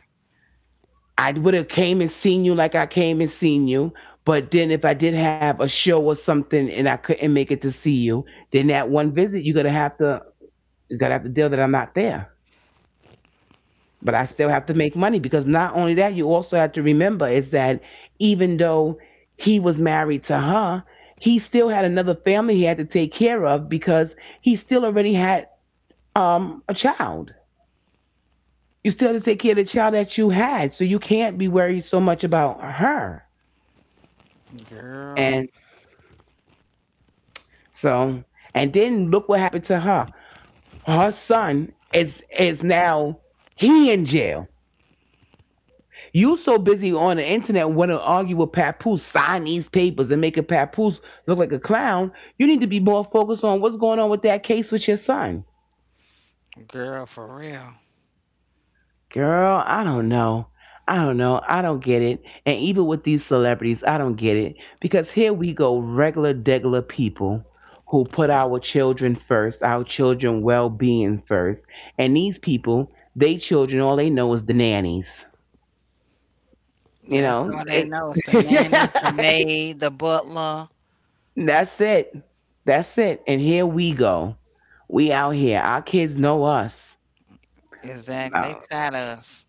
I would have came and seen you like I came and seen you. But then, if I did have a show or something and I couldn't make it to see you, then that one visit, you're gonna have to. You're gonna have to deal that I'm not there. But I still have to make money, because not only that, you also have to remember is that, even though he was married to her, he still had another family he had to take care of because he still already had a child. You still have to take care of the child that you had, so you can't be worried so much about her.
Girl,
And so, and then look what happened to her. Her son is now he in jail. You so busy on the internet want to argue with Papoose, sign these papers, and make a Papoose look like a clown. You need to be more focused on what's going on with that case with your son.
girl, for real.
Girl, I don't know. I don't know. I don't get it. And even with these celebrities, I don't get it. Because here we go, regular, degular people who put our children first, our children well being first. And these people, they children, all they know is the nannies. You
That's
know,
all they
it
know is the nannies, the maid, the butler.
That's it. That's it. And here we go. We out here. Our kids know us.
Exactly. They
No,
tired us.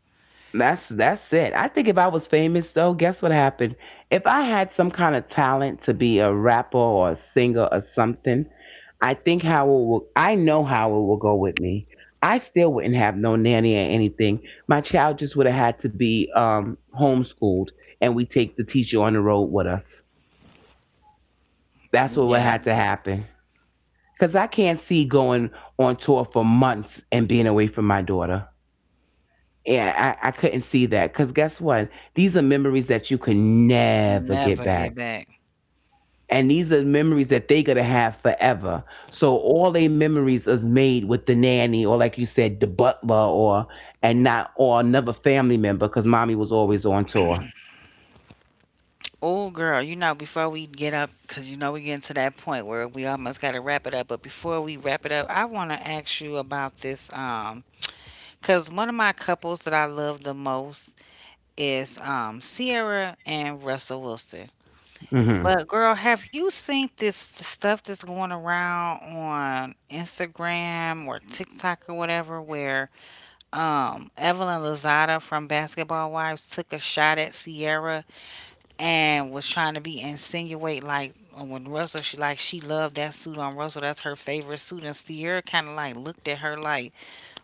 that's it. I think if I was famous though, guess what happened? If I had some kind of talent to be a rapper or a singer or something, I think how it will. I know how it will go with me. I still wouldn't have no nanny or anything. My child just would have had to be homeschooled, and we take the teacher on the road with us. That's what would have
Yeah,
had to happen. Because I can't see going on tour for months and being away from my daughter. Yeah, I couldn't see that. Because guess what? These are memories that you can never get
never get
back.
back.
And these are memories that they going to have forever. So all their memories is made with the nanny or, like you said, the butler or and not or another family member because mommy was always on tour.
Oh, girl, you know, before we get up, because you know we're getting to that point where we almost got to wrap it up. But before we wrap it up, I want to ask you about this. Because one of my couples that I love the most is Sierra and Russell Wilson.
Hmm.
But girl, have you seen this the stuff that's going around on Instagram or TikTok or whatever where Evelyn Lozada from Basketball Wives took a shot at Sierra and was trying to be insinuate like when Russell, she like she loved that suit on Russell, that's her favorite suit, and Sierra kinda like looked at her like,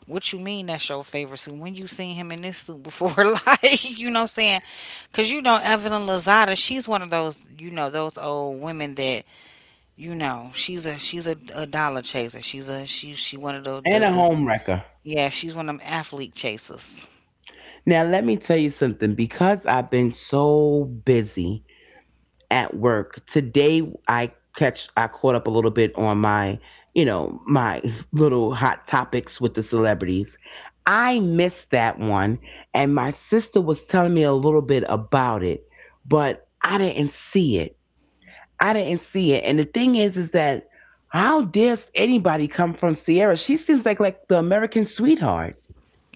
what you mean that's your favorite suit? When you seen him in this suit before? Like, you know what I'm saying? Because, you know, Evelyn Lozada, she's one of those, you know, those old women that, you know, she's a dollar chaser. She's a, she one of the, the,
And a
the,
home wrecker.
yeah, she's one of them athlete chasers.
Now, let me tell you something. Because I've been so busy at work. Today I caught up a little bit on my, you know, my little hot topics with the celebrities. I missed that one and my sister was telling me a little bit about it, but I didn't see it. I didn't see it. And the thing is that how dares anybody come from Sierra? She seems like the American sweetheart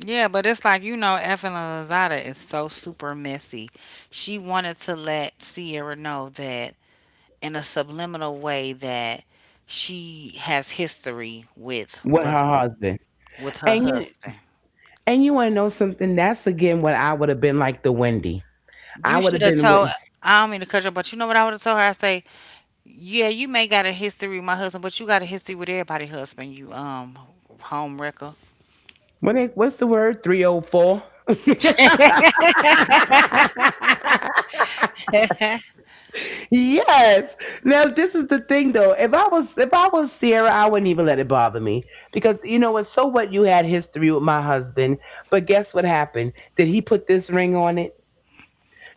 Yeah, but it's like, you know, Evelyn Lozada is so super messy. She wanted to let Sierra know that in a subliminal way that she has history with
with her
Russell,
husband.
with her
And you,
husband.
and you want to know something? That's again what I would have been like the Wendy. I
You
would
should
have
have
been with.
told. I don't mean to cut you off, but you know what I would have told her? I say, yeah, you may got a history with my husband, but you got a history with everybody husband. You home wrecker,
What's the word? 304. Yes. Now this is the thing though. If I was Sierra, I wouldn't even let it bother me. Because you know what, so what you had history with my husband, but guess what happened? Did he put this ring on it?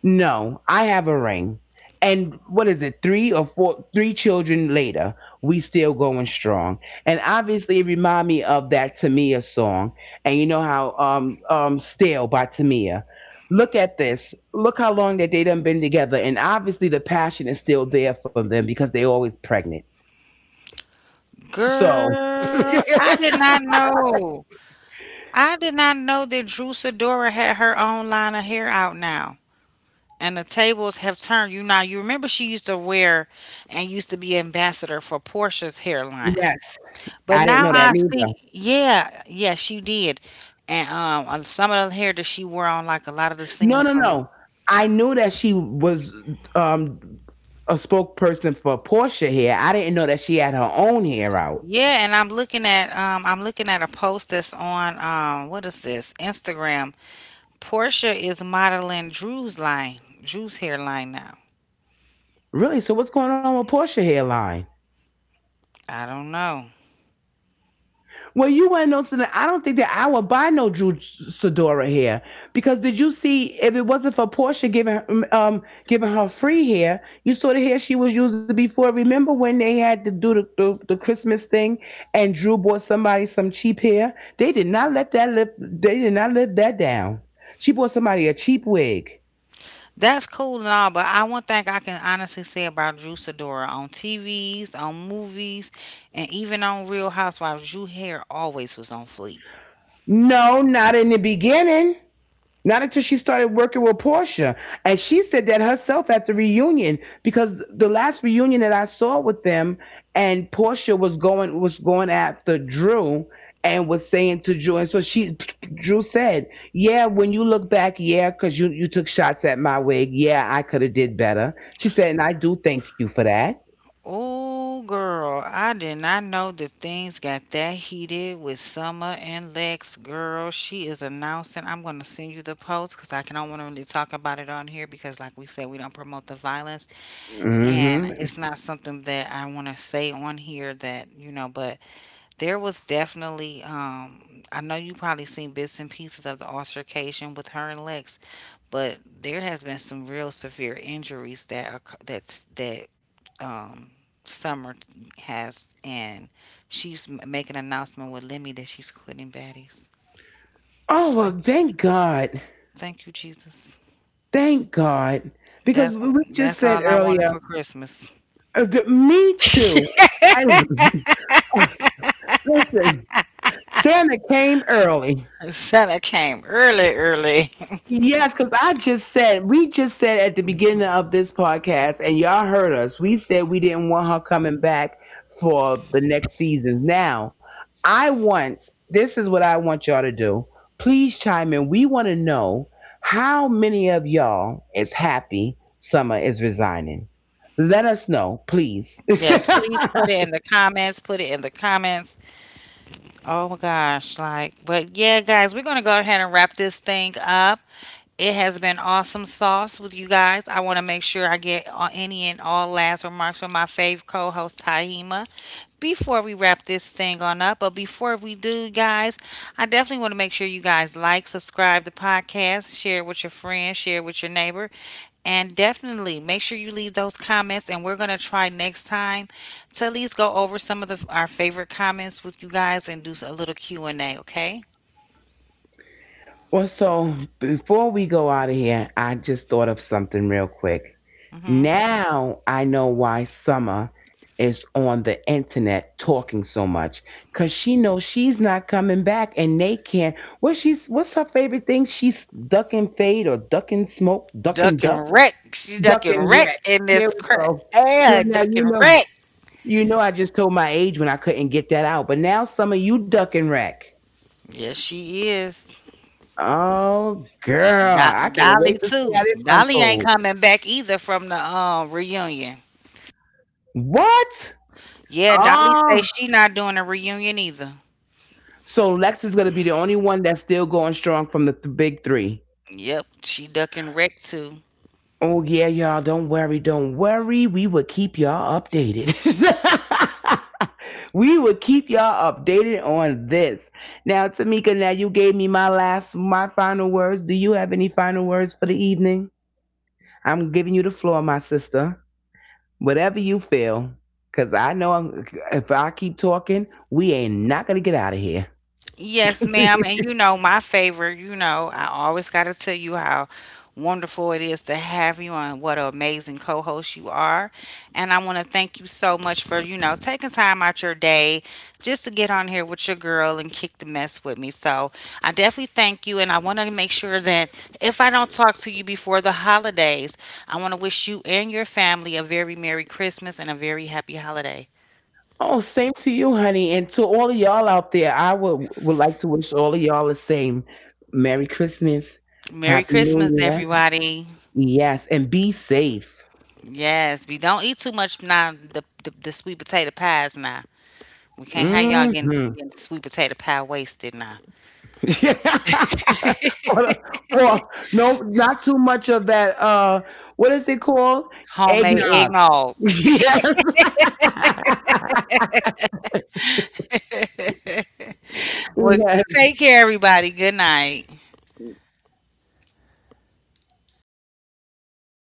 No, I have a ring. And what is it? Three children later, we still going strong. And obviously, it remind me of that Tamia song. And you know how "Still" by Tamia. Look at this. Look how long that they done been together, and obviously the passion is still there for them because they always pregnant. So
girl. I
yes,
did not know. I did not know that Drew Sidora had her own line of hair out now. And the tables have turned. You now you remember she used to wear and used to be ambassador for Portia's hairline. But
I didn't
now
know that
I
neither.
see, yeah, yeah, she did, and some of the hair that she wore on, like a lot of the
No,
scenes
no,
from,
no. I knew that she was um, a spokesperson for Porsche hair. I didn't know that she had her own hair out.
yeah. And I'm looking at a post that's on, what is this? Instagram. Portia is modeling Drew's line, Drew's hairline now.
Really? So what's going on with Porsche hairline?
I don't know.
Well, you want to know something? I don't think that I would buy no Drew Sidora hair because did you see if it wasn't for Portia giving um giving her free hair, you saw the hair she was using before. Remember when they had to do the Christmas thing and Drew bought somebody some cheap hair? They did not let that lip. They did not let that down. She bought somebody a cheap wig.
That's cool and all, but I one thing I can honestly say about Drew Sidora on TVs, on movies, and even on Real Housewives, Drew hair always was on fleek.
No, not in the beginning. Not until she started working with Portia. And she said that herself at the reunion because the last reunion that I saw with them and Portia was going after Drew and was saying to Drew and so she Drew said, "Yeah, when you look back, yeah, cuz you took shots at my wig. Yeah, I could have did better." She said, "And I do thank you for that."
Oh, girl, I did not know that things got that heated with Summer and Lex. Girl, she is announcing. I'm going to send you the post because I can, don't want to really talk about it on here because, like we said, we don't promote the violence. And
Mhm.
it's not something that I want to say on here that, you know, but there was definitely, I know you probably seen bits and pieces of the altercation with her and Lex, but there has been some real severe injuries that are, that's that um, Summer has, and she's making an announcement with Lemmy that she's quitting Baddies.
Oh,
Thank
well,
you,
thank God.
thank you, Jesus.
Thank God. Because
That's what,
we just
that's
said
all I wanted
earlier,
for Christmas.
me too. I Listen, Santa came early.
Santa came early, early.
Yes, because I just said, we just said at the beginning of this podcast, and y'all heard us, we said we didn't want her coming back for the next season. Now, I want, this is what I want y'all to do. Please chime in. We want to know how many of y'all is happy Summer is resigning. Let us know, please.
Yes, please put it in the comments. Put it in the comments. Oh my gosh, like, but yeah, guys, we're gonna go ahead and wrap this thing up. It has been awesome sauce with you guys. I want to make sure I get all- any and all last remarks from my fave co-host Tahima before we wrap this thing on up. But before we do, guys, I definitely want to make sure you guys like, subscribe the podcast, share it with your friends, share it with your neighbors. And definitely make sure you leave those comments. And we're going to try next time to at least go over some of the, our favorite comments with you guys and do a little Q&A, okay?
Well, so before we go out of here, I just thought of something real quick.
Mm-hmm.
Now I know why Summer is on the internet talking so much because she knows she's not coming back and they can't. What's her favorite thing? She's ducking fade or ducking smoke, ducking
Ducking
duck,
wreck, she ducking
ducking
wreck
wreck.
in
There
this
we
crap.
go, girl.
Yeah,
Now
ducking wreck.
you know I just told my age when I couldn't get that out, but now Summer, you ducking wreck.
Yes, she is.
Oh girl,
Do-
I can't
Dolly
wait to see
too.
how this
Dolly ain't
unfolds.
coming back either from the reunion.
What?
Yeah, Dolly says
Oh,
she not doing a reunion either.
so Lex is gonna be the only one that's still going strong from the big three.
Yep, she ducking wreck too.
Oh yeah, y'all. Don't worry, don't worry. We will keep y'all updated. We will keep y'all updated on this. Now, Tamika, now you gave me my last, my final words. Do you have any final words for the evening? I'm giving you the floor, my sister. Whatever you feel, because I know I'm, if I keep talking, we ain't not gonna get out of here.
Yes, ma'am. And you know, my favorite, you know, I always got to tell you how wonderful it is to have you and what an amazing co host you are. And I want to thank you so much for, you know, taking time out your day just to get on here with your girl and kick the mess with me. So I definitely thank you. And I want to make sure that if I don't talk to you before the holidays, I want to wish you and your family a very Merry Christmas and a very happy holiday.
Oh, same to you, honey, and to all of y'all out there. I would like to wish all of y'all the same. Merry Christmas,
Merry
Happy
Christmas,
New Year.
everybody.
Yes, and be safe.
Yes, we don't eat too much now. The sweet potato pies now. We can't have y'all getting
Hmm.
getting sweet potato pie wasted now.
Or no, not too much of that. What is it called?
Homemade
Eggnog.
eggnog.
Yes.
Well,
Yes.
take care, everybody. Good night.